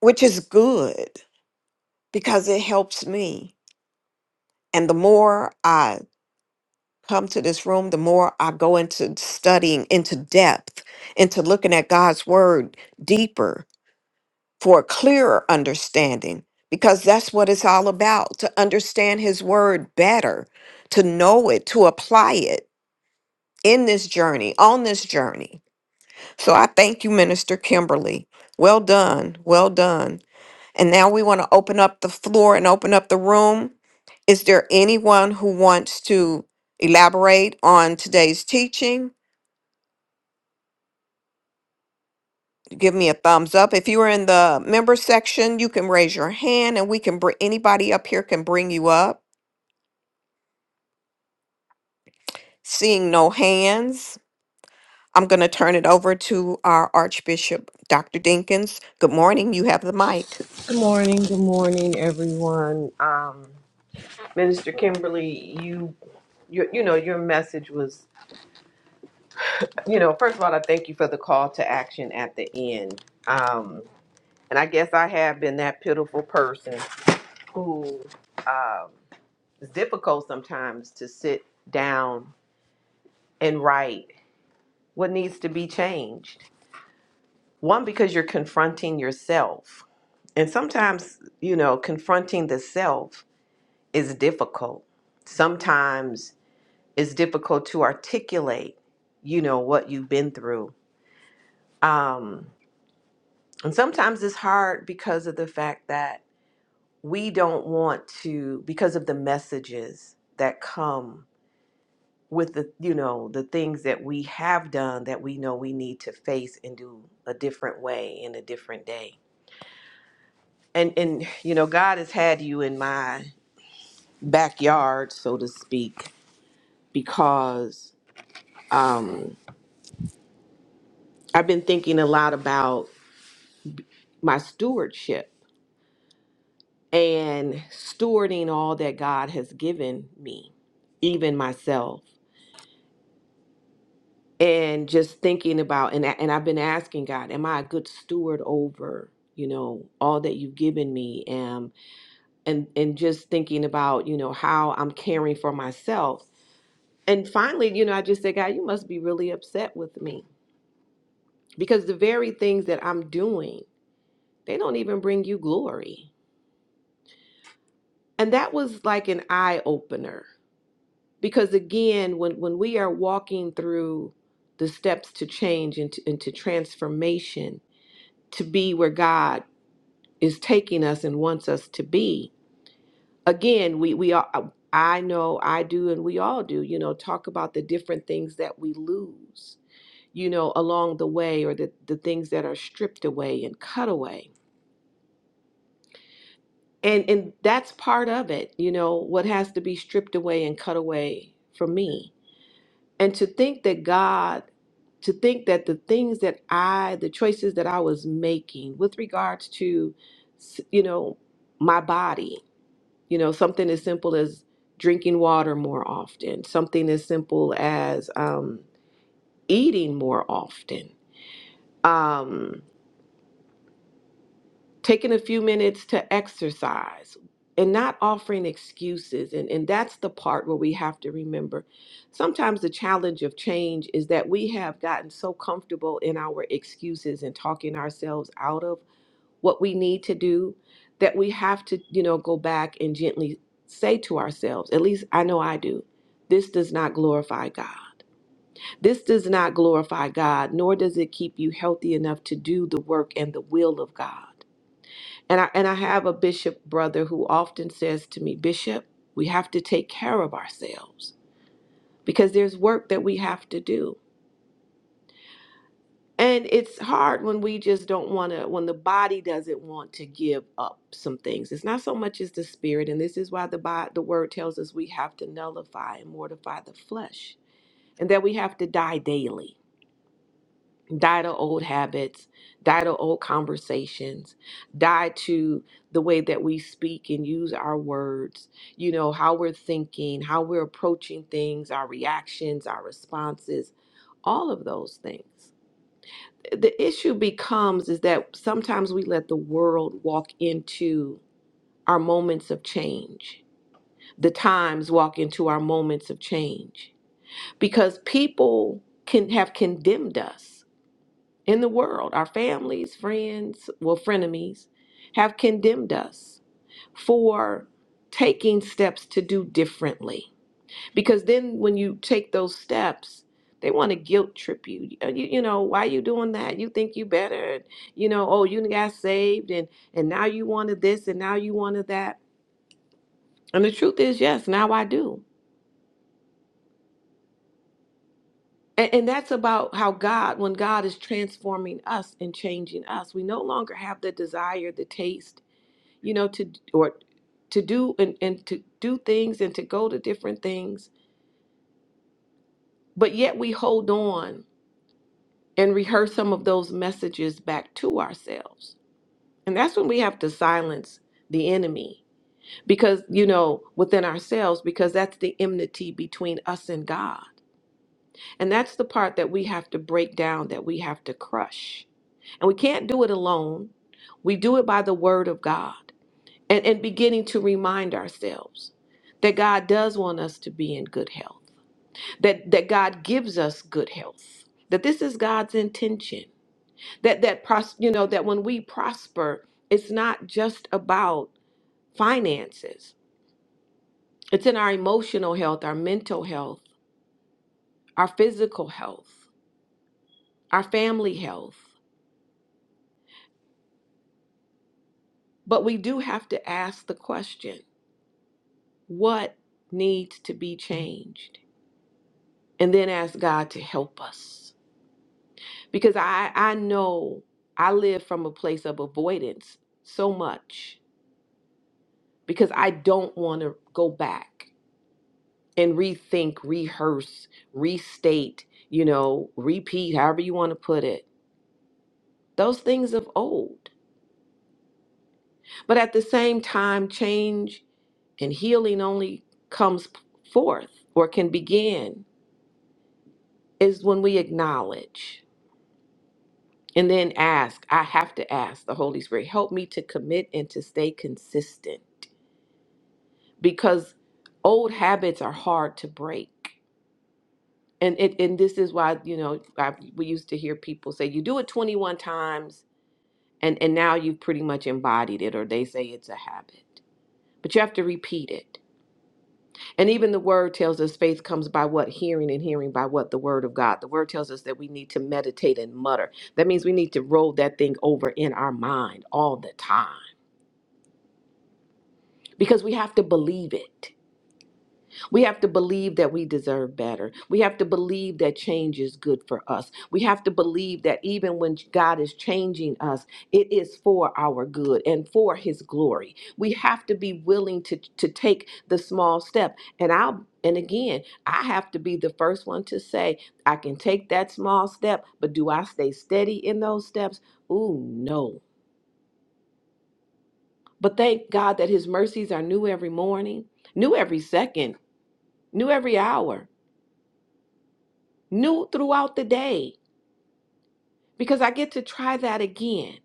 Speaker 1: which is good because it helps me. And the more I come to this room, the more I go into studying into depth, into looking at God's word deeper for a clearer understanding, because that's what it's all about to understand His word better, to know it, to apply it in this journey, on this journey. So I thank you, Minister Kimberly. Well done. Well done. And now we want to open up the floor and open up the room. Is there anyone who wants to elaborate on today's teaching? Give me a thumbs up. If you are in the member section, you can raise your hand and we can bring anybody up here can bring you up. Seeing no hands, I'm going to turn it over to our Archbishop, Dr. Dinkins. Good morning. You have the mic.
Speaker 2: Good morning. Good morning, everyone. Um, Minister Kimberly, you, you, you know, your message was, you know, first of all, I thank you for the call to action at the end. Um, and I guess I have been that pitiful person who um, it's difficult sometimes to sit down and write what needs to be changed. One, because you're confronting yourself, and sometimes, you know, confronting the self is difficult. Sometimes it's difficult to articulate, you know, what you've been through. Um, and sometimes it's hard because of the fact that we don't want to, because of the messages that come with the, you know, the things that we have done that we know we need to face and do a different way in a different day. And, and, you know, God has had you in my backyard, so to speak, because, um, I've been thinking a lot about my stewardship and stewarding all that God has given me, even myself. And just thinking about and and I've been asking God, am I a good steward over, you know, all that you've given me? Um and and just thinking about, you know, how I'm caring for myself. And finally, you know, I just said, God, you must be really upset with me because the very things that I'm doing, they don't even bring you glory and that was like an eye opener because again when when we are walking through the steps to change into into transformation to be where God is taking us and wants us to be again we we all uh, I know I do and we all do you know talk about the different things that we lose you know along the way or the the things that are stripped away and cut away and and that's part of it you know what has to be stripped away and cut away from me And to think that God, to think that the things that I, the choices that I was making with regards to, s- you know, my body, you know, something as simple as drinking water more often, something as simple as um, eating more often. um, taking a few minutes to exercise and not offering excuses and, and that's the part where we have to remember sometimes the challenge of change is that we have gotten so comfortable in our excuses and talking ourselves out of what we need to do that we have to you know go back and gently say to ourselves at least i know i do this does not glorify god this does not glorify god nor does it keep you healthy enough to do the work and the will of god and I and I have a bishop brother who often says to me, "Bishop, we have to take care of ourselves because there's work that we have to do." And it's hard when we just don't want to when the body doesn't want to give up some things. It's not so much as the spirit, and this is why the Bi- the word tells us we have to nullify and mortify the flesh and that we have to die daily die to old habits, die to old conversations, die to the way that we speak and use our words, you know, how we're thinking, how we're approaching things, our reactions, our responses, all of those things. The issue becomes is that sometimes we let the world walk into our moments of change. The times walk into our moments of change because people can have condemned us in the world, our families, friends, well, frenemies, have condemned us for taking steps to do differently. Because then when you take those steps, they want to guilt trip you. You, you know, why you doing that? You think you better. You know, oh, you got saved and and now you wanted this and now you wanted that. And the truth is, yes, now I do. And, and that's about how God, when God is transforming us and changing us, we no longer have the desire, the taste, you know, to or to do and, and to do things and to go to different things, but yet we hold on and rehearse some of those messages back to ourselves. And that's when we have to silence the enemy because you know within ourselves because that's the enmity between us and God. And that's the part that we have to break down that we have to crush. And we can't do it alone. We do it by the word of God. and, and beginning to remind ourselves that God does want us to be in good health, that, that God gives us good health, that this is God's intention, that that pros- you know that when we prosper, it's not just about finances. It's in our emotional health, our mental health, our physical health, our family health. But we do have to ask the question, what needs to be changed? And then ask God to help us because I I know I live from a place of avoidance so much because I don't want to go back and rethink, rehearse, restate, you know, repeat, however you want to put it. Those things of old. But at the same time, change and healing only comes p- forth or can begin is when we acknowledge and then ask. I have to ask the Holy Spirit, help me to commit and to stay consistent because old habits are hard to break. And it and this is why, you know, I, we used to hear people say you do it 21 times and and now you've pretty much embodied it or they say it's a habit. But you have to repeat it. And even the word tells us faith comes by what hearing and hearing by what the word of God. The word tells us that we need to meditate and mutter. That means we need to roll that thing over in our mind all the time because we have to believe it. We have to believe that we deserve better. We have to believe that change is good for us. We have to believe that even when God is changing us, it is for our good and for His glory. We have to be willing to, to take the small step. And I'll and again, I have to be the first one to say, I can take that small step, but do I stay steady in those steps? Ooh, no. But thank God that His mercies are new every morning, new every second, new every hour. new throughout the day because I get to try that again.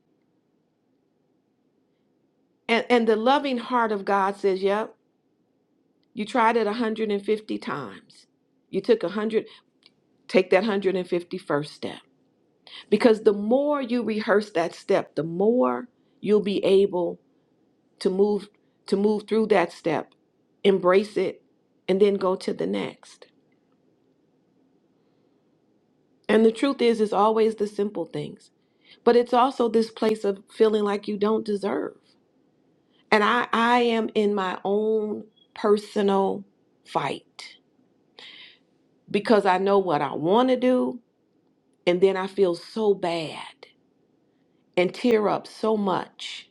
Speaker 2: And, and the loving heart of God says, Yep, you tried it 150 times. You took 100, take that 151st step. Because the more you rehearse that step, the more you'll be able to move to move through that step, embrace it, and then go to the next. And the truth is, it's always the simple things. But it's also this place of feeling like you don't deserve. And I, I am in my own personal fight because I know what I want to do. And then I feel so bad and tear up so much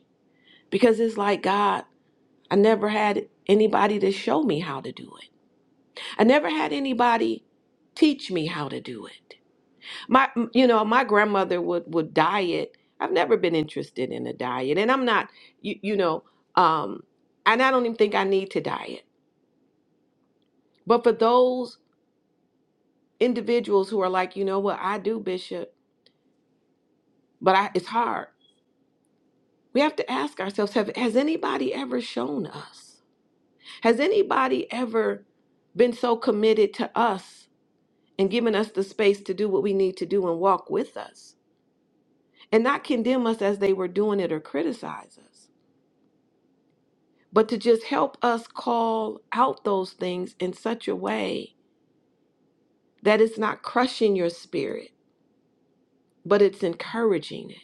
Speaker 2: because it's like, God, I never had anybody to show me how to do it. I never had anybody teach me how to do it. My, you know, my grandmother would, would diet. I've never been interested in a diet. And I'm not, you, you know, um, and I don't even think I need to diet. But for those individuals who are like, you know what, I do, Bishop, but I, it's hard. We have to ask ourselves have, has anybody ever shown us? Has anybody ever been so committed to us and given us the space to do what we need to do and walk with us and not condemn us as they were doing it or criticize us, but to just help us call out those things in such a way that it's not crushing your spirit, but it's encouraging it.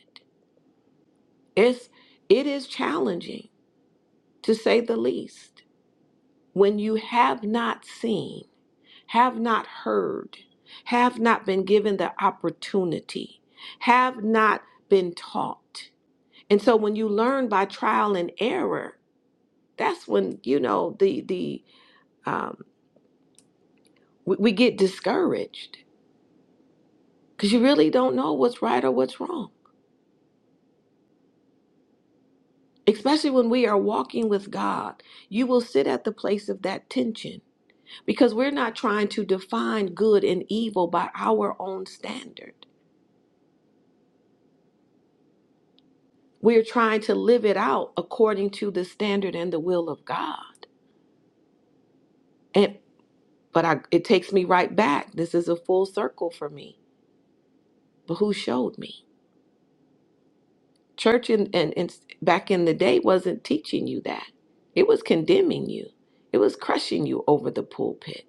Speaker 2: It's, it is challenging to say the least, when you have not seen, have not heard, have not been given the opportunity, have not been taught. And so when you learn by trial and error, that's when you know the the um, we, we get discouraged because you really don't know what's right or what's wrong. Especially when we are walking with God, you will sit at the place of that tension because we're not trying to define good and evil by our own standard. We're trying to live it out according to the standard and the will of God. And but I, it takes me right back. This is a full circle for me. But who showed me? Church and and, and back in the day wasn't teaching you that. It was condemning you. It was crushing you over the pulpit.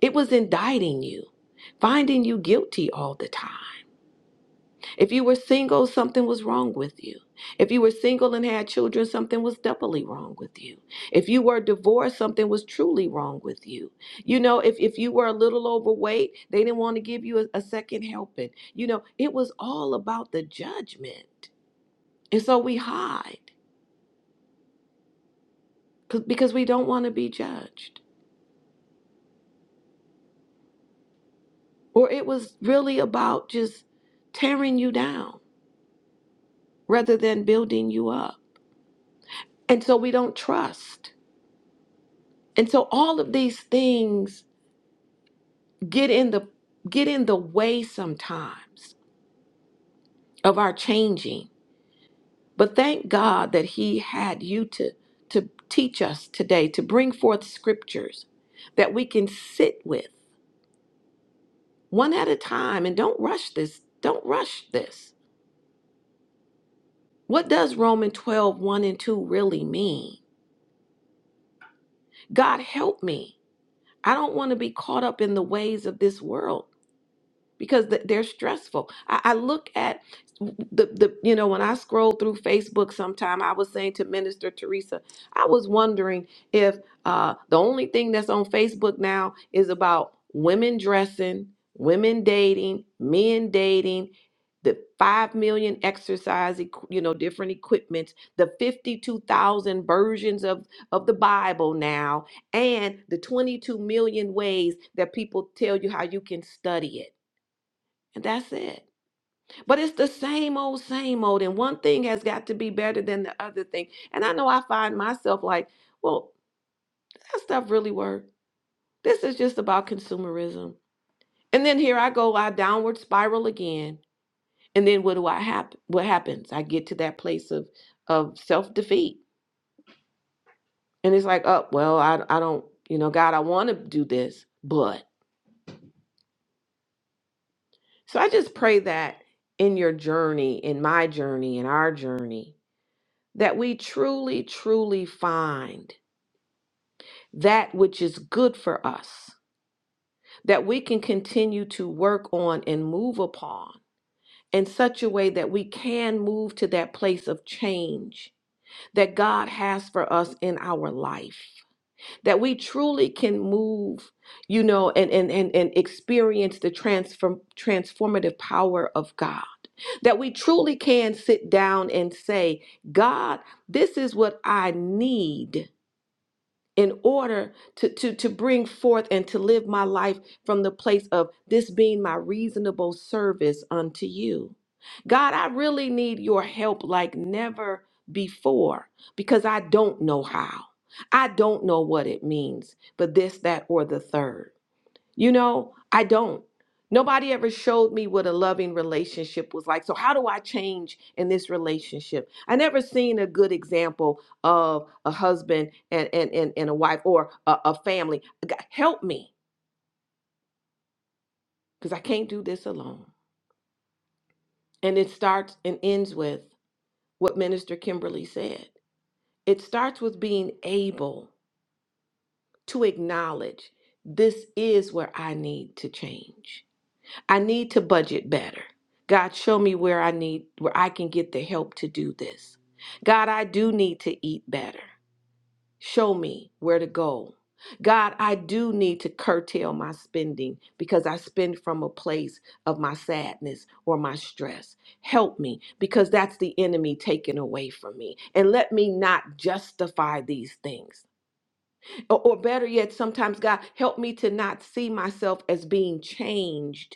Speaker 2: It was indicting you, finding you guilty all the time. If you were single, something was wrong with you. If you were single and had children, something was doubly wrong with you. If you were divorced, something was truly wrong with you. You know, if, if you were a little overweight, they didn't want to give you a, a second helping. You know, it was all about the judgment. And so we hide 'cause- because we don't want to be judged. Or it was really about just tearing you down rather than building you up. And so we don't trust. And so all of these things get in the get in the way sometimes of our changing but thank god that he had you to to teach us today to bring forth scriptures that we can sit with one at a time and don't rush this don't rush this what does Romans twelve one and 2 really mean god help me i don't want to be caught up in the ways of this world because th- they're stressful. I, I look at the, the you know when I scroll through Facebook sometime I was saying to Minister Teresa I was wondering if uh, the only thing that's on Facebook now is about women dressing, women dating, men dating, the 5 million exercise equ- you know different equipments, the 52,000 versions of of the Bible now and the 22 million ways that people tell you how you can study it and that's it. But it's the same old, same old. And one thing has got to be better than the other thing. And I know I find myself like, well, that stuff really worked. This is just about consumerism. And then here I go, I downward spiral again. And then what do I happen? What happens? I get to that place of of self defeat. And it's like, oh, well, I I don't, you know, God, I want to do this, but so I just pray that in your journey, in my journey, in our journey, that we truly, truly find that which is good for us, that we can continue to work on and move upon in such a way that we can move to that place of change that God has for us in our life, that we truly can move, you know, and, and, and, and experience the transform, transformative power of God. That we truly can sit down and say, God, this is what I need in order to, to, to bring forth and to live my life from the place of this being my reasonable service unto you. God, I really need your help like never before because I don't know how. I don't know what it means, but this, that, or the third. You know, I don't. Nobody ever showed me what a loving relationship was like. So how do I change in this relationship? I never seen a good example of a husband and and and, and a wife or a, a family. G- Help me, because I can't do this alone. And it starts and ends with what Minister Kimberly said. It starts with being able to acknowledge this is where I need to change I need to budget better. God, show me where I need, where I can get the help to do this. God, I do need to eat better. Show me where to go. God, I do need to curtail my spending because I spend from a place of my sadness or my stress. Help me because that's the enemy taken away from me. And let me not justify these things. Or, or better yet, sometimes, God, help me to not see myself as being changed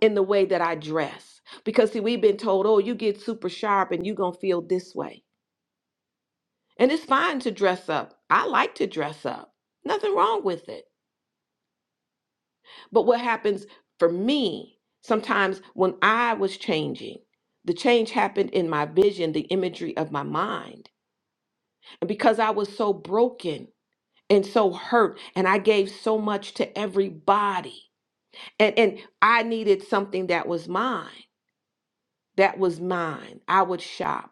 Speaker 2: in the way that I dress. Because see, we've been told, oh, you get super sharp and you're gonna feel this way. And it's fine to dress up. I like to dress up. Nothing wrong with it. But what happens for me sometimes when I was changing, the change happened in my vision, the imagery of my mind. And because I was so broken and so hurt, and I gave so much to everybody, and, and I needed something that was mine. That was mine. I would shop.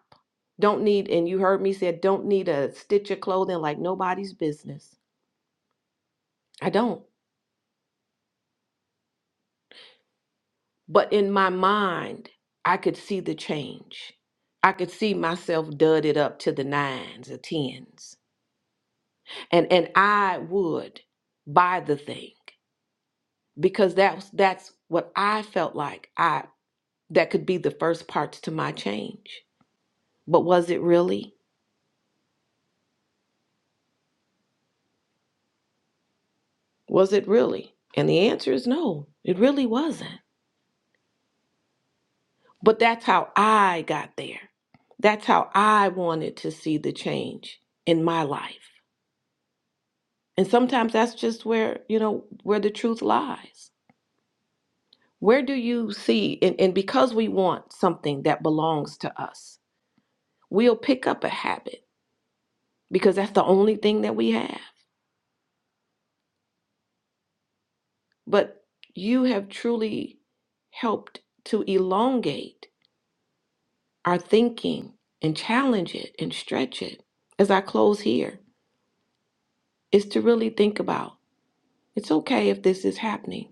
Speaker 2: Don't need, and you heard me say, don't need a stitch of clothing like nobody's business. I don't. But in my mind, I could see the change. I could see myself dudded up to the nines or tens. And and I would buy the thing because that's that's what I felt like I that could be the first parts to my change. But was it really? Was it really? And the answer is no, it really wasn't. But that's how I got there. That's how I wanted to see the change in my life. And sometimes that's just where, you know, where the truth lies. Where do you see, and, and because we want something that belongs to us, we'll pick up a habit because that's the only thing that we have. But you have truly helped to elongate our thinking and challenge it and stretch it. As I close here, is to really think about It's okay if this is happening,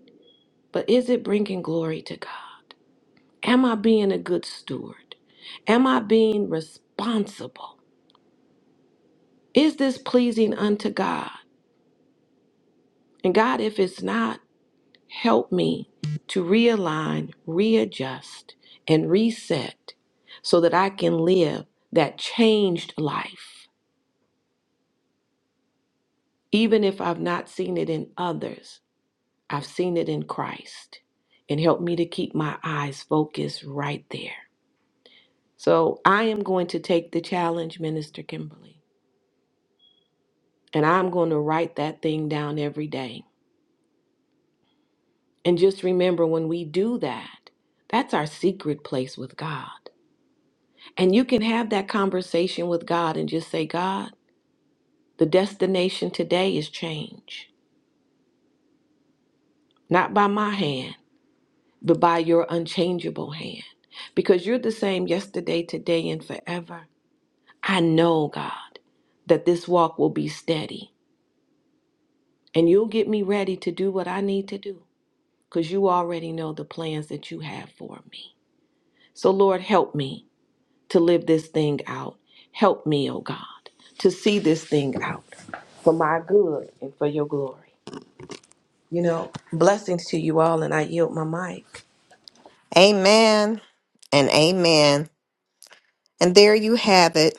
Speaker 2: but is it bringing glory to God? Am I being a good steward? Am I being responsible? Is this pleasing unto God? And God, if it's not, help me to realign, readjust, and reset so that I can live that changed life. Even if I've not seen it in others, I've seen it in Christ. And help me to keep my eyes focused right there. So I am going to take the challenge, Minister Kimberly, and I'm going to write that thing down every day. And just remember when we do that, that's our secret place with God. And you can have that conversation with God and just say, God, the destination today is change, not by my hand, but by your unchangeable hand. Because you're the same yesterday, today, and forever. I know, God, that this walk will be steady and you'll get me ready to do what I need to do. because you already know the plans that you have for me. So, Lord, help me to live this thing out. Help me, oh God, to see this thing out for my good and for your glory. You know, blessings to you all, and I yield my mic.
Speaker 1: Amen and amen. And there you have it.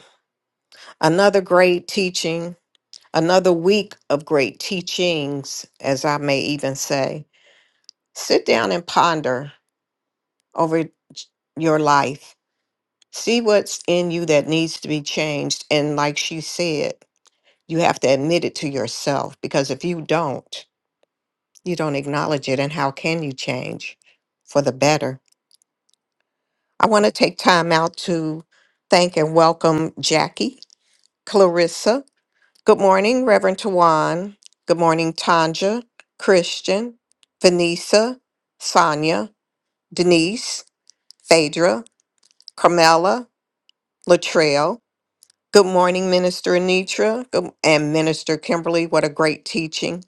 Speaker 1: Another great teaching, another week of great teachings, as I may even say. Sit down and ponder over your life. See what's in you that needs to be changed. And like she said, you have to admit it to yourself because if you don't, you don't acknowledge it. And how can you change for the better? I want to take time out to thank and welcome Jackie, Clarissa. Good morning, Reverend Tawan. Good morning, Tanja, Christian, Vanessa, Sonia, Denise, Phaedra, Carmela, Latrell. Good morning, Minister Anitra good- and Minister Kimberly. What a great teaching.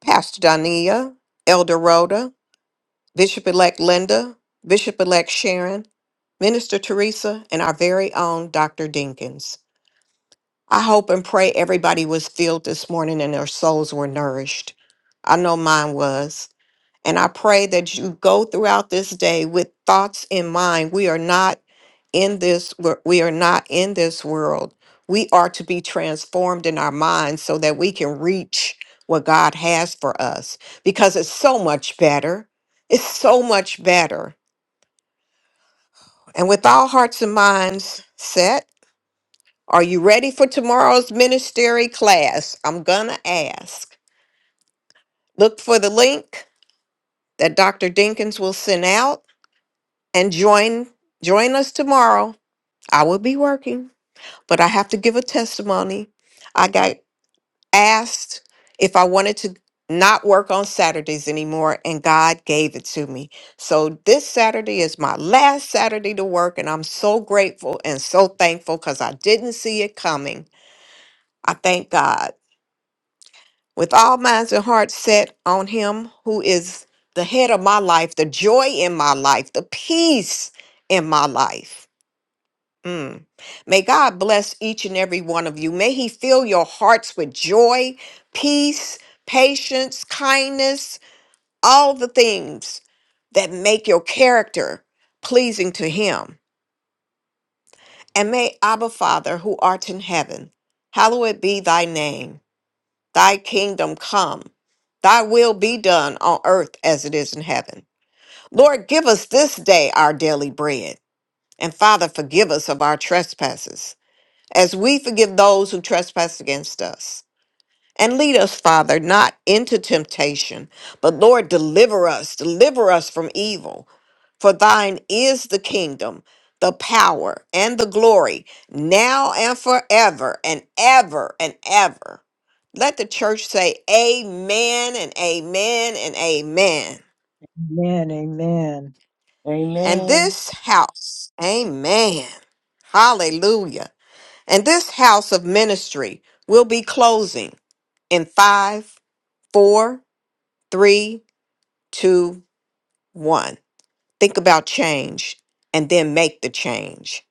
Speaker 1: Pastor Dania, Elder Rhoda, Bishop-elect Linda, Bishop-elect Sharon, Minister Teresa, and our very own Dr. Dinkins. I hope and pray everybody was filled this morning and their souls were nourished. I know mine was. And I pray that you go throughout this day with thoughts in mind. We are not in this wor- we are not in this world. We are to be transformed in our minds so that we can reach what God has for us because it's so much better. It's so much better. And with all hearts and minds set, are you ready for tomorrow's ministry class? I'm going to ask. Look for the link that Dr. Dinkins will send out and join join us tomorrow. I will be working, but I have to give a testimony. I got asked if I wanted to not work on Saturdays anymore and God gave it to me. So this Saturday is my last Saturday to work and I'm so grateful and so thankful cuz I didn't see it coming. I thank God. with all minds and hearts set on him who is the head of my life, the joy in my life, the peace in my life. Mm. May God bless each and every one of you. May he fill your hearts with joy, peace, patience, kindness, all the things that make your character pleasing to him. And may Abba Father, who art in heaven, hallowed be thy name. Thy kingdom come, thy will be done on earth as it is in heaven. Lord, give us this day our daily bread. And Father, forgive us of our trespasses, as we forgive those who trespass against us. And lead us, Father, not into temptation, but Lord, deliver us, deliver us from evil. For thine is the kingdom, the power, and the glory, now and forever, and ever and ever. Let the church say amen and amen and amen.
Speaker 5: Amen. Amen.
Speaker 1: And
Speaker 7: Amen.
Speaker 1: this house, amen. Hallelujah. And this house of ministry will be closing in five, four, three, two, one. Think about change and then make the change.